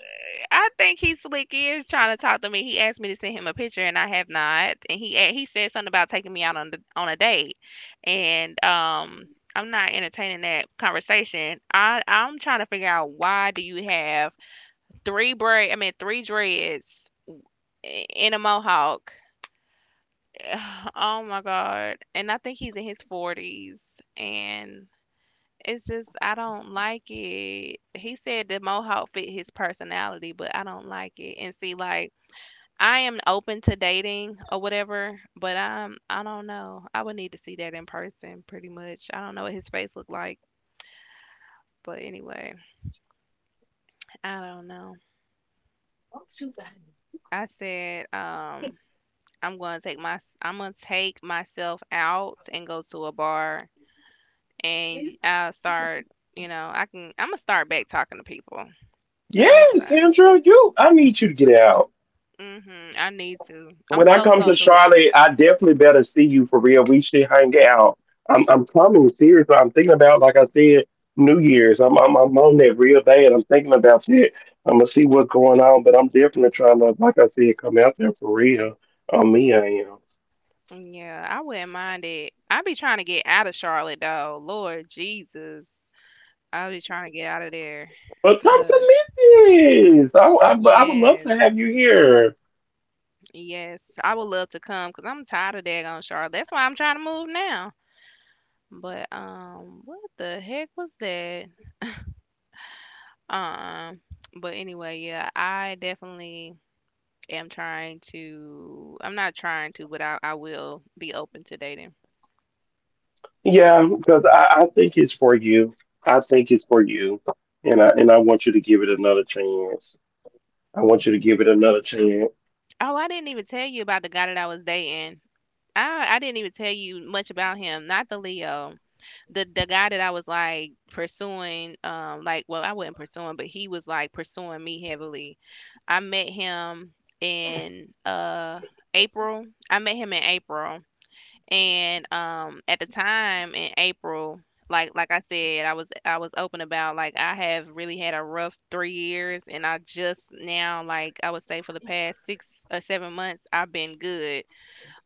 Speaker 2: I think he slick is trying to talk to me. He asked me to send him a picture, and I have not. And he said something about taking me out on on a date, and. I'm not entertaining that conversation. I'm trying to figure out why do you have three braid I mean three dreads in a mohawk. Oh my God. And I think he's in his 40s. And it's just, I don't like it. He said the mohawk fit his personality, but I don't like it. And see, like, I am open to dating or whatever, but I don't know. I would need to see that in person pretty much. I don't know what his face looked like, but anyway, I don't know. I said, I'm gonna take myself out and go to a bar and I'll start, you know, I'm gonna start back talking to people. I'm gonna
Speaker 1: Yes,
Speaker 2: start.
Speaker 1: Kendra, you. I need you to get out.
Speaker 2: Mhm. I need to. I'm
Speaker 1: When I
Speaker 2: so
Speaker 1: come to
Speaker 2: socially
Speaker 1: Charlotte, I definitely better see you for real. We should hang out. I'm coming seriously. I'm thinking about like I said, New Year's. I'm on that real bad. I'm thinking about that. I'm gonna see what's going on, but I'm definitely trying to, like I said, come out there for real. On me, I am.
Speaker 2: yeah, I wouldn't mind it. I be trying to get out of Charlotte though. Lord Jesus. I be trying to get out of there.
Speaker 1: But come
Speaker 2: But
Speaker 1: to Memphis. I would love
Speaker 2: yes,
Speaker 1: to have you here.
Speaker 2: yes. I would love to come because I'm tired of daggone Charlotte. That's why I'm trying to move now. But what the heck was that? Um but anyway, yeah, I definitely am trying to I'm not trying to, but I will be open to dating.
Speaker 1: Yeah, because I think it's for you. I think it's for you, and I want you to give it another chance. I want you to give it another chance.
Speaker 2: Oh, I didn't even tell you about the guy that I was dating. I didn't even tell you much about him. Not the Leo. The guy that I was like pursuing, I wasn't pursuing, but he was like pursuing me heavily. I met him in April. I met him in April. And at the time in April, like I said, I was open about like I have really had a rough 3 years and I just now like I would say for the past 6 or 7 months I've been good.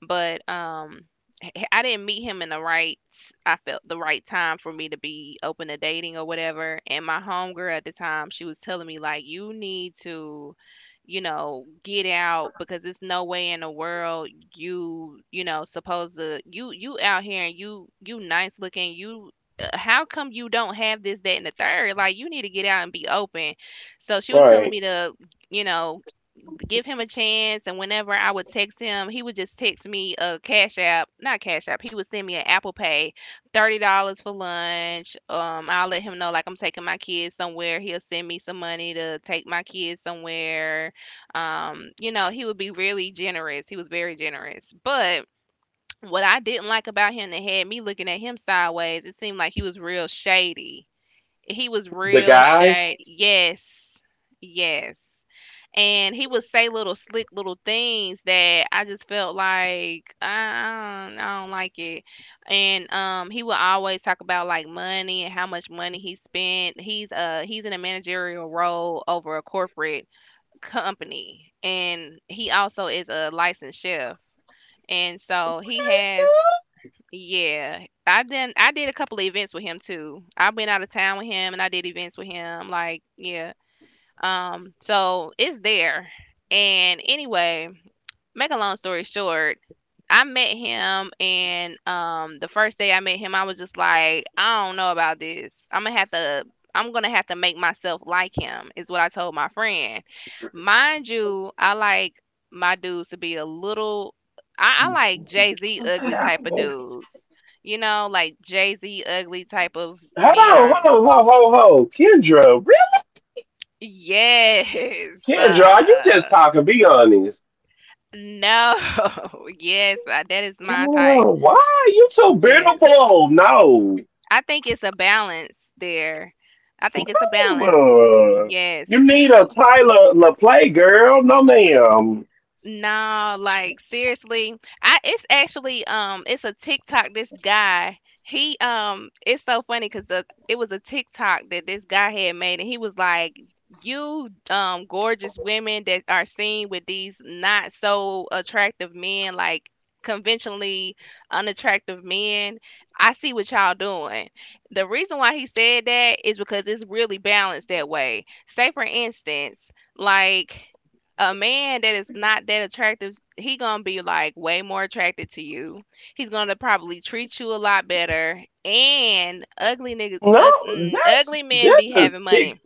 Speaker 2: But, h h I didn't meet him in the right I felt the right time for me to be open to dating or whatever, and my homegirl at the time, she was telling me, like, "You need to, you know, get out because there's no way in the world you know, supposed to you out here and you nice looking, you how come you don't have this, that, and the third? Like, you need to get out and be open." So, she was telling
Speaker 1: Right.
Speaker 2: me to, you know, give him a chance. And whenever I would text him, he would just text me a Cash App, not Cash App. He would send me an Apple Pay, $30 for lunch. I'll let him know like I'm taking my kids somewhere. He'll send me some money to take my kids somewhere. You know, he would be really generous. He was very generous, but. What I didn't like about him that had me looking at him sideways, it seemed like he was real shady. He was
Speaker 1: The
Speaker 2: real
Speaker 1: guy.
Speaker 2: shade. Yes. Yes. And he would say little slick little things that I just felt like I don't like it. And he would always talk about like money and how much money he spent. He's in a managerial role over a corporate company, and he also is a licensed chef. And so he has yeah, I did a couple of events with him too. I went out of town with him and I did events with him. Like, yeah. So it's there. And anyway, make a long story short, I met him, and the first day I met him, I was just like, I don't know about this. I'm gonna have to. I'm gonna have to make myself like him, is what I told my friend. Mind you, I like my dudes to be a little. I like Jay Z ugly type of
Speaker 1: Hold
Speaker 2: dudes. You know, like Jay Z ugly type of
Speaker 1: on,
Speaker 2: men are.
Speaker 1: hold on, ho, ho, ho. Kendra, really?
Speaker 2: Yes.
Speaker 1: Kendra, are you
Speaker 2: Uh,
Speaker 1: just talking? Be honest.
Speaker 2: no. Yes. That is my type.
Speaker 1: Kendra, why are you so
Speaker 2: Yes.
Speaker 1: beautiful? No.
Speaker 2: I think it's a balance there. I think it's a balance.
Speaker 1: No.
Speaker 2: Yes.
Speaker 1: You need a
Speaker 2: People
Speaker 1: Tyler LaPlay girl? No, ma'am.
Speaker 2: No, like seriously, I it's actually it's a TikTok. This guy, he it's so funny because it was a TikTok that this guy had made, and he was like, "You gorgeous women that are seen with these not so attractive men, like conventionally unattractive men, I see what y'all doing." The reason why he said that is because it's really balanced that way. Say for instance, like a man that is not that attractive, he gonna be like way more attracted to you. He's gonna probably treat you a lot better. And ugly niggas,
Speaker 1: No, that's
Speaker 2: ugly men
Speaker 1: that's
Speaker 2: be
Speaker 1: a
Speaker 2: having
Speaker 1: tick.
Speaker 2: money.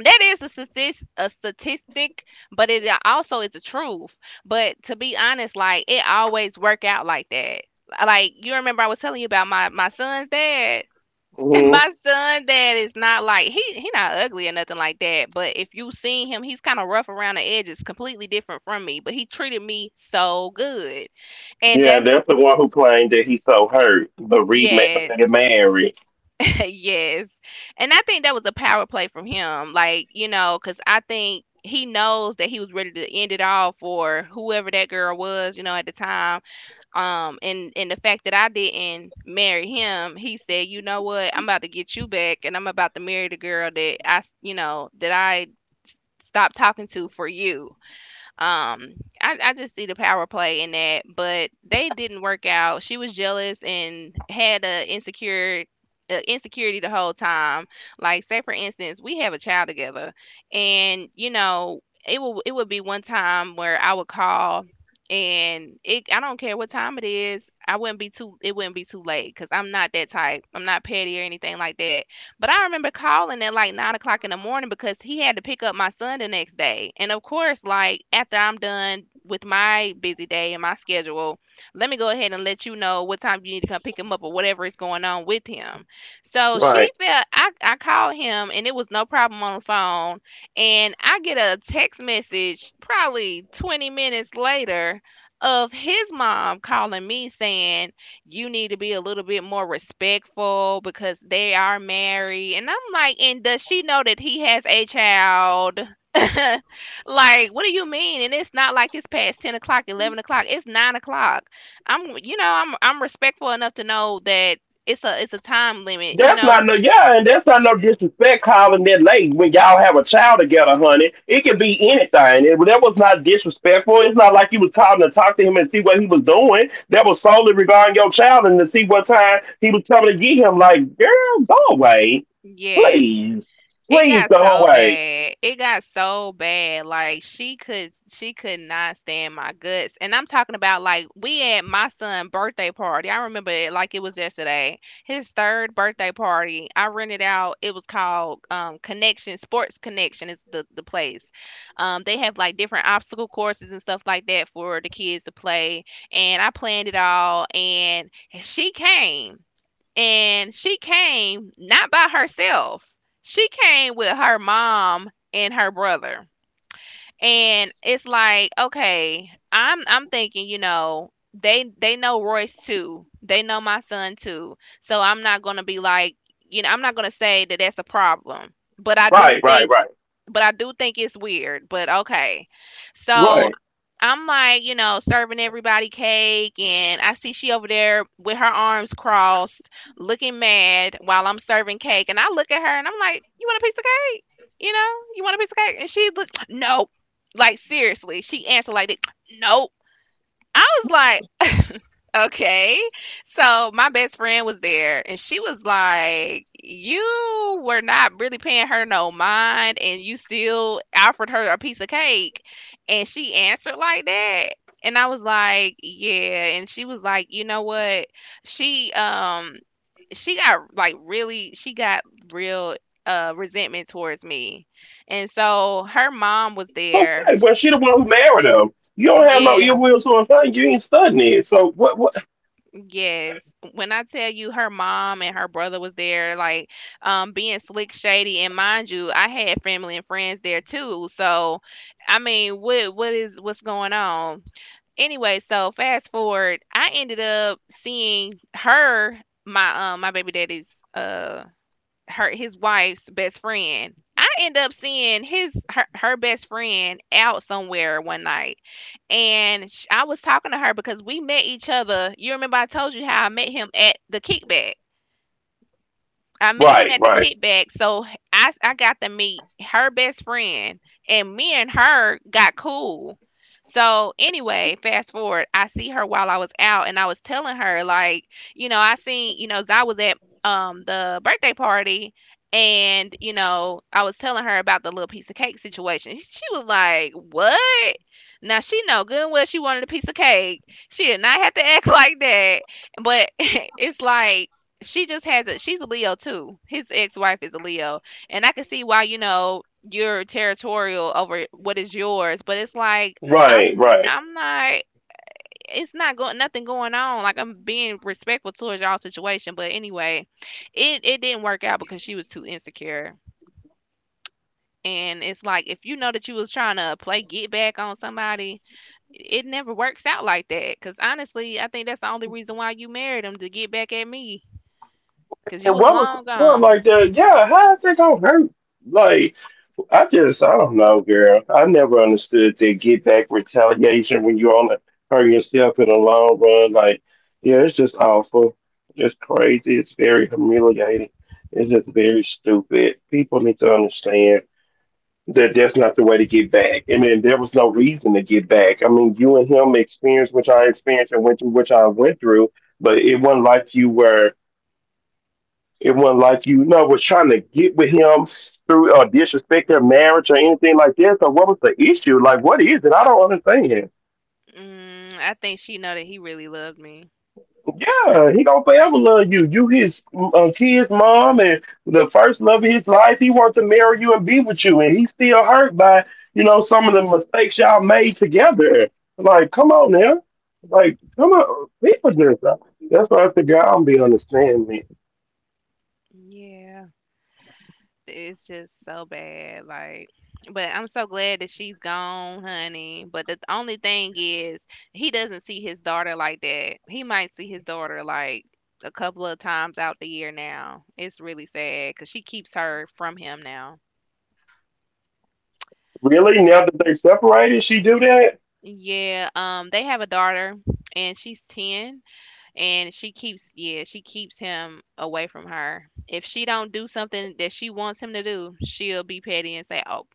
Speaker 2: That is a statistic, but it also is the truth. But to be honest, like it always work out like that. Like you remember, I was telling you about my son's dad.
Speaker 1: Mhm.
Speaker 2: My son dad is not like he not ugly or nothing like that, but if you seen him, he's kind of rough around the edges, completely different from me, but he treated me so good and
Speaker 1: Yeah,
Speaker 2: that's
Speaker 1: that's the one who claimed that he's so hurt, but remade, but
Speaker 2: yes
Speaker 1: they get married.
Speaker 2: yes, and I think that was a power play from him, like you know, because I think he knows that he was ready to end it all for whoever that girl was, you know, at the time. And the fact that I didn't marry him, he said, you know what, I'm about to get you back and I'm about to marry the girl that you know, that stopped talking to for you. um, I just see the power play in that, but they didn't work out. She was jealous and had a insecure insecurity the whole time. Like, say for instance, we have a child together, and you know, it would be one time where I would call and it I don't care what time it is. I wouldn't be too It wouldn't be too late because I'm not that type. I'm not petty or anything like that. But I remember calling at like 9 o'clock in the morning because he had to pick up my son the next day. And of course, like after I'm done with my busy day and my schedule, let me go ahead and let you know what time you need to come pick him up or whatever is going on with him. So she
Speaker 1: Right?
Speaker 2: felt I called him and it was no problem on the phone. And I get a text message probably 20 minutes later of his mom calling me saying, you need to be a little bit more respectful because they are married. And I'm like, and does she know that he has a child? Like, what do you mean? And it's not like it's past 10 o'clock, 11 o'clock. It's 9 o'clock. I'm, you know, I'm respectful enough to know that it's a time limit. You
Speaker 1: That's
Speaker 2: know,
Speaker 1: not no yeah, and that's not no disrespect calling that late when y'all have a child together, honey. It could be anything. It, that was not disrespectful. It's not like you was calling to talk to him and see what he was doing. That was solely regarding your child and to see what time he was coming to get him. Like, girl, go away.
Speaker 2: yes.
Speaker 1: Please.
Speaker 2: It
Speaker 1: Please
Speaker 2: got
Speaker 1: go
Speaker 2: so
Speaker 1: away.
Speaker 2: bad. It got so bad. Like she could not stand my guts. And I'm talking about like we at my son's birthday party. I remember it like it was yesterday. His third birthday party. I rented out, it was called Connection, Sports Connection is the place. They have like different obstacle courses and stuff like that for the kids to play. And I planned it all, and she came, and she came not by herself. She came with her mom and her brother. And it's like, okay, I'm thinking, you know, they know Royce too. They know my son too. So I'm not going to be like, you know, I'm not going to say that that's a problem.
Speaker 1: Right, right, right.
Speaker 2: But I do think it's weird, but okay. So
Speaker 1: Right.
Speaker 2: I'm like, you know, serving everybody cake, and I see she over there with her arms crossed, looking mad while I'm serving cake. And I look at her and I'm like, you want a piece of cake? You know, you want a piece of cake? And she looked, no. Like, seriously, she answered like, this, nope. I was like, okay. So my best friend was there and she was like, you were not really paying her no mind and you still offered her a piece of cake. And she answered like that. And I was like, yeah. And she was like, you know what? She um she got like really she got real resentment towards me. And so her mom
Speaker 1: Okay.
Speaker 2: was
Speaker 1: Well she the one
Speaker 2: there.
Speaker 1: who married him. You don't have no ill will
Speaker 2: Yeah.
Speaker 1: towards her. You ain't studying it. So what
Speaker 2: Yes. When I tell you her mom and her brother was there, like being slick shady, and mind you, I had family and friends there too. So I mean, what's going on? Anyway, so fast forward, I ended up seeing her, my my baby daddy's her his wife's best friend. I end up seeing her best friend out somewhere one night, and sh I was talking to her because we met each other. You remember I told you how I met him at the kickback. I met him
Speaker 1: right,
Speaker 2: at the
Speaker 1: right.
Speaker 2: kickback, so I got to meet her best friend, and me and her got cool. So anyway, fast forward, I see her while I was out, and I was telling her like, you know, I seen, you know, 'cause I was at the birthday party, and you know, I was telling her about the little piece of cake situation. She was like, "What?" Now she know good and well she wanted a piece of cake. She did not have to act like that, but it's like she just has it. She's a Leo too. His ex-wife is a Leo, and I can see why, you know, you're territorial over what is yours, but it's like I'm
Speaker 1: Right, right.
Speaker 2: I'm not. It's not going nothing going on. Like I'm being respectful towards y'all situation, but anyway, it didn't work out because she was too insecure. And it's like if you know that you was trying to play get back on somebody, it never works out like that. Cause honestly, I think that's the only reason why you married him, to get back at me. Cause you
Speaker 1: And
Speaker 2: was
Speaker 1: what was
Speaker 2: long
Speaker 1: important
Speaker 2: gone.
Speaker 1: like that? Yeah, how is that gonna hurt? Like, I just, I don't know, girl. I never understood that get back retaliation when you only hurt yourself in the long run. Like, yeah, it's just awful. It's crazy. It's very humiliating. It's just very stupid. People need to understand that that's not the way to get back. And then there was no reason to get back. I mean, you and him experienced what I experienced and went through what I went through, but it wasn't like you were. It wasn't like you know was trying to get with him through or disrespect their marriage or anything like that. So what was the issue? Like, what is it? I don't understand.
Speaker 2: Mm, I think she know that he really loved me.
Speaker 1: Yeah, he gonna forever love you. You his kid's mom and the first love of his life. He wants to marry you and be with you, and he's still hurt by you know some of the mistakes y'all made together. Like, come on now. Like, come on, people do that. That's what the guy I don't be understanding.
Speaker 2: Yeah, it's just so bad. Like, but I'm so glad that she's gone, honey. But the only thing is, he doesn't see his daughter like that. He might see his daughter like a couple of times out the year now. It's really sad because she keeps her from him now.
Speaker 1: Really? Now that they separated, she do that?
Speaker 2: Yeah, they have a daughter, and she's 10. And she keeps yeah, she keeps him away from her. If she don't do something that she wants him to do, she'll be petty and say, oh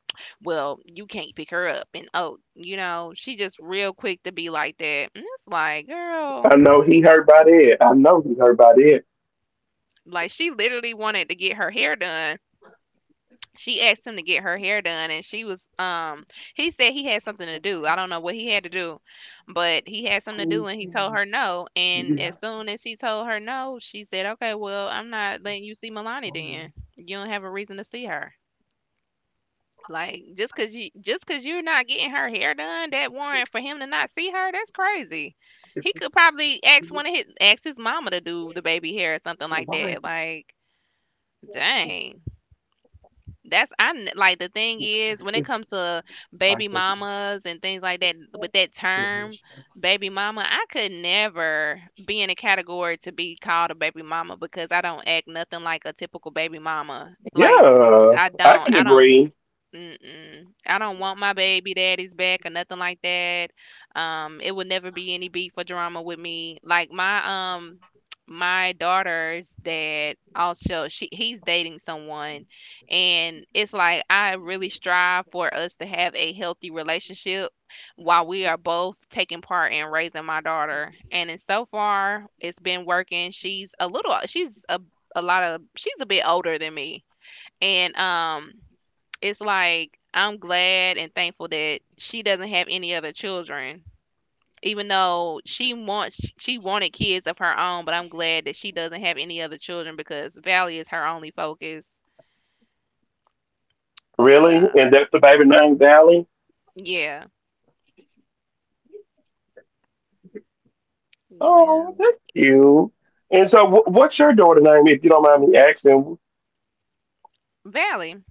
Speaker 2: well, you can't pick her up, and oh, you know, she just real quick to be like that. And it's like,
Speaker 1: I
Speaker 2: girl,
Speaker 1: know he hurt by that. I know he hurt by that.
Speaker 2: like she literally wanted to get her hair done. She asked him to get her hair done, and she was he said he had something to do. I don't know what he had to do, but he had something to do, and he told her no. And as soon as he told her no, she said, okay well, I'm not letting you see Milani, then you don't have a reason to see her. Like just because you just because you're not getting her hair done, that warrant for him to not see her? That's crazy. He could probably ask one of his ask his mama to do the baby hair or something like that. Like, dang. Like the thing is, when it comes to
Speaker 1: I
Speaker 2: baby
Speaker 1: said,
Speaker 2: mamas and things like that, with that term baby mama, I could never be in a category to be called a baby mama because I don't act nothing like a typical baby mama. Like
Speaker 1: yeah,
Speaker 2: I
Speaker 1: I
Speaker 2: don't.
Speaker 1: can
Speaker 2: I don't.
Speaker 1: agree.
Speaker 2: Mm-mm. I don't want my baby daddy's back or nothing like that. It would never be any beat for drama with me. Like my my daughter's dad also, she he's dating someone, and it's like I really strive for us to have a healthy relationship while we are both taking part in raising my daughter. And so far it's been working. She's a lot of she's a bit older than me. And it's like I'm glad and thankful that she doesn't have any other children. Even though she wanted kids of her own, but I'm glad that she doesn't have any other children because Valley is her only focus.
Speaker 1: Really?
Speaker 2: So
Speaker 1: And that's the baby name, Valley?
Speaker 2: yeah. Yeah.
Speaker 1: Oh, that's cute. And so, what's your daughter name, if you don't mind me asking?
Speaker 2: Valley.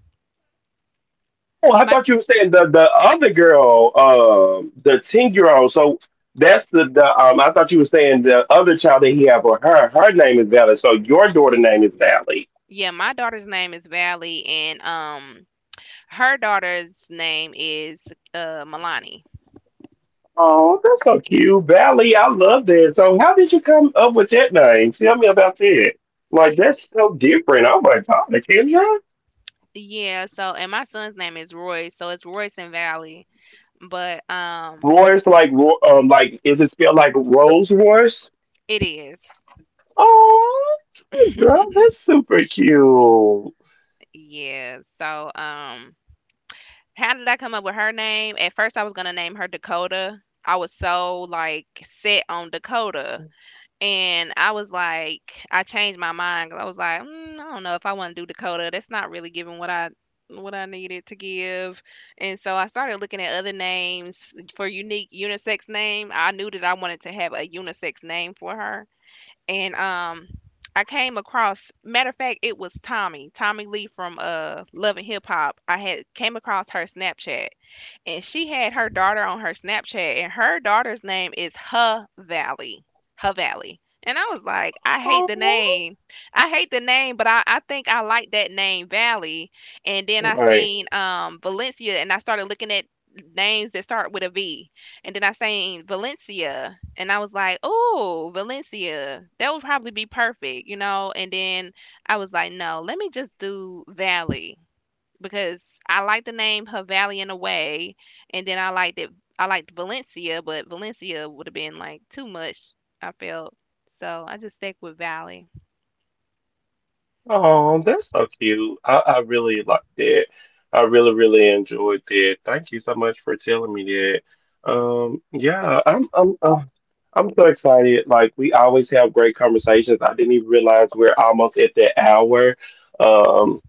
Speaker 1: Oh, I
Speaker 2: My
Speaker 1: thought you were saying the other girl, the 10-year-old year old. So, that's the I thought you were saying the other child that he had with her. Her name is Valley. So, your daughter name is Valley.
Speaker 2: yeah, my daughter's name is Valley, and her daughter's name is Milani.
Speaker 1: Oh, that's so cute. Valley, I love that. So how did you come up with that name? Tell me about that. Like that's so different. I'm like, oh, the Kenya?
Speaker 2: Yeah, so and my son's name is Royce, so it's Royce and Valley. But
Speaker 1: Royce like like is it spelled like Rolls Royce?
Speaker 2: it is.
Speaker 1: Oh girl, that's super cute.
Speaker 2: Yeah. So, how did I come up with her name? At first, I was gonna name her Dakota. I was so like set on Dakota, and I was like, I changed my mind 'cause I was like, mm, I don't know if I want to do Dakota. That's not really giving what I needed to give. And so I started looking at other names for unique unisex name. I knew that I wanted to have a unisex name for her, and I came across, matter of fact, it was Tommy Lee from Love and Hip Hop. I had came across her Snapchat, and she had her daughter on her Snapchat, and her daughter's name is Her Valley. Her Valley. And I was like, I hate the
Speaker 1: Oh.
Speaker 2: name. I hate the name, but I think I like that name, Valley. And then I
Speaker 1: Right.
Speaker 2: seen Valencia, and I started looking at names that start with a V. And then I seen Valencia and I was like, oh, Valencia, that would probably be perfect, you know? And then I was like, no, let me just do Valley because I like the name Havalian Away, and then I liked it. I liked Valencia, but Valencia would have been like too much. I felt so. I just stuck with Valley.
Speaker 1: Oh, that's so cute. I really liked that. I really, really enjoyed that. Thank you so much for telling me that. Yeah, I'm so excited. Like we always have great conversations. I didn't even realize we're almost at that hour. Um,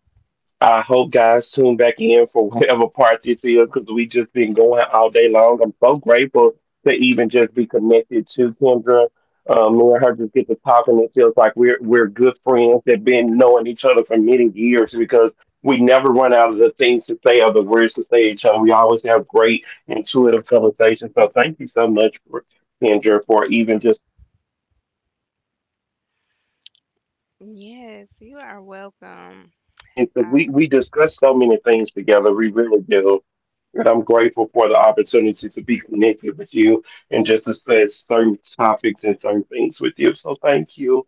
Speaker 1: I hope guys tune back in for whatever part this is because we just been going all day long. I'm so grateful to even just be connected to Kendra. Me and her just get to talking. It feels like we're good friends that been knowing each other for many years because we never run out of the things to say or the words to say to each other. We always have great intuitive conversations. So thank you so much for Kendra for even just coming into this space and just being so open, so transparent, and
Speaker 2: Yes,
Speaker 1: talking
Speaker 2: you
Speaker 1: to
Speaker 2: are
Speaker 1: me about so
Speaker 2: welcome.
Speaker 1: many things because
Speaker 2: I,
Speaker 1: we discussed so many things together. We really do, and I'm grateful for the opportunity to be connected with you and just discuss certain topics and certain things with you. So thank you.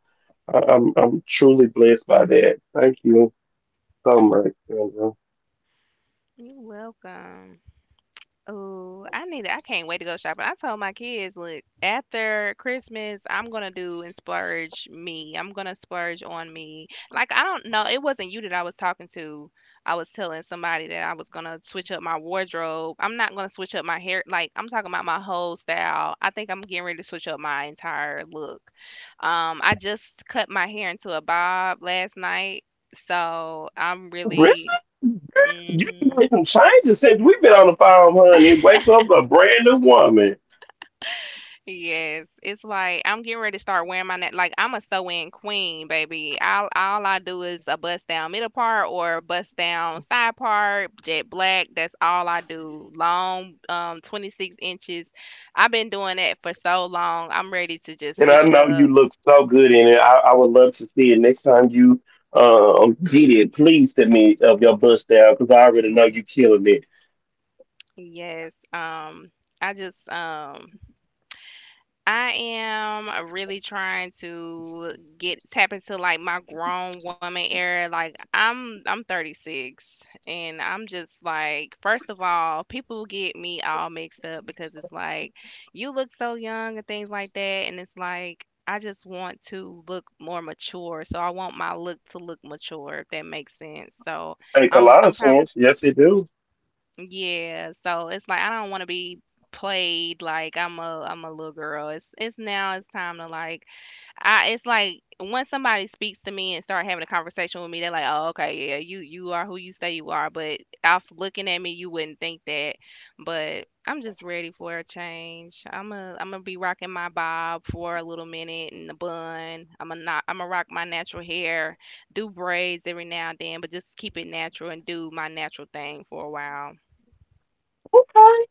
Speaker 1: I'm truly blessed by that. Thank you so
Speaker 2: mm,
Speaker 1: much, Sandra.
Speaker 2: you're welcome. Oh, I can't wait to go shopping. I told my kids, look, after Christmas, I'm gonna do and splurge me. I'm gonna splurge on me. Like I don't know, it wasn't you that I was talking to. I was telling somebody that I was gonna switch up my wardrobe. I'm not gonna switch up my hair. Like I'm talking about my whole style. I think I'm getting ready to switch up my entire look. I just cut my hair into a bob last night, so I'm
Speaker 1: Richard,
Speaker 2: really.
Speaker 1: you
Speaker 2: Mm-hmm.
Speaker 1: made some changes since we've been on the phone, honey. Wake up a brand new woman.
Speaker 2: Yes, it's like I'm getting ready to start wearing my net. Like I'm a sew-in queen, baby. All I do is a bust down middle part or a bust down side part, jet black. That's all I do. Long, 26 inches. I've been doing that for so long. I'm ready to just
Speaker 1: And I
Speaker 2: switch it
Speaker 1: know you
Speaker 2: up.
Speaker 1: look so good in it. I would love to see it next time you get it. Please send me of your bust down because I already know you killing it.
Speaker 2: Yes. I just um. I am really trying to get tap into like my grown woman era. Like I'm 36, and I'm just like, first of all, people get me all mixed up because it's like you look so young and things like that, and it's like I just want to look more mature. So I want my look to look mature, if that makes sense. So
Speaker 1: Make a lot
Speaker 2: I'm
Speaker 1: of
Speaker 2: probably
Speaker 1: sense. Yes, it do.
Speaker 2: yeah, so it's like I don't want to be played like I'm a little girl. It's now it's time to like I it's like once somebody speaks to me and start having a conversation with me, they're like, "Oh, okay, yeah, you are who you say you are." But off looking at me, you wouldn't think that. But I'm just ready for a change. I'm gonna be rocking my bob for a little minute and the bun. I'm gonna not I'm gonna rock my natural hair, do braids every now and then, but just keep it natural and do my natural thing for a while.
Speaker 1: Okay.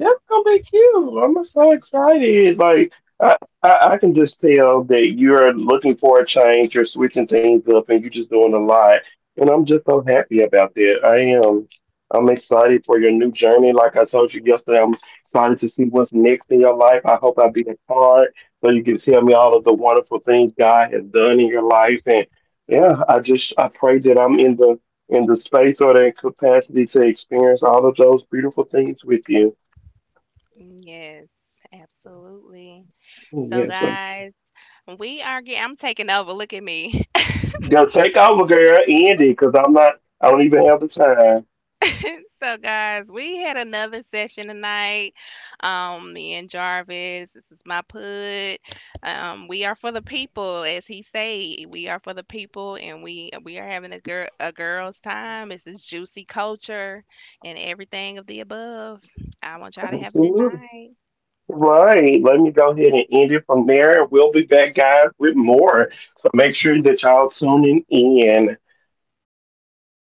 Speaker 1: That's gonna be cute. I'm so excited. Like I, I can just tell that you're looking for a change. You're switching things up, and you're just doing a lot. And I'm just so happy about that. I am. I'm excited for your new journey. Like I told you yesterday, I'm excited to see what's next in your life. I hope I be a part so you can tell me all of the wonderful things God has done in your life. And yeah, I just I pray that I'm in the space or the capacity to experience all of those beautiful things with you.
Speaker 2: Yes, absolutely.
Speaker 1: Oh,
Speaker 2: So,
Speaker 1: yeah, so
Speaker 2: guys, I'm taking over. Look at me.
Speaker 1: go take over, girl. End it, cause I'm not. I don't even have the time.
Speaker 2: So, guys, we had another session tonight. Me and Jarvis, this is my put. We are for the people, as he say. We are for the people, and we are having a girls' time. It's a juicy culture and everything of the above. I want y'all to have a good
Speaker 1: Absolutely.
Speaker 2: night.
Speaker 1: Right. Let me go ahead and end it from there. We'll be back, guys, with more. So make sure that y'all tuning in.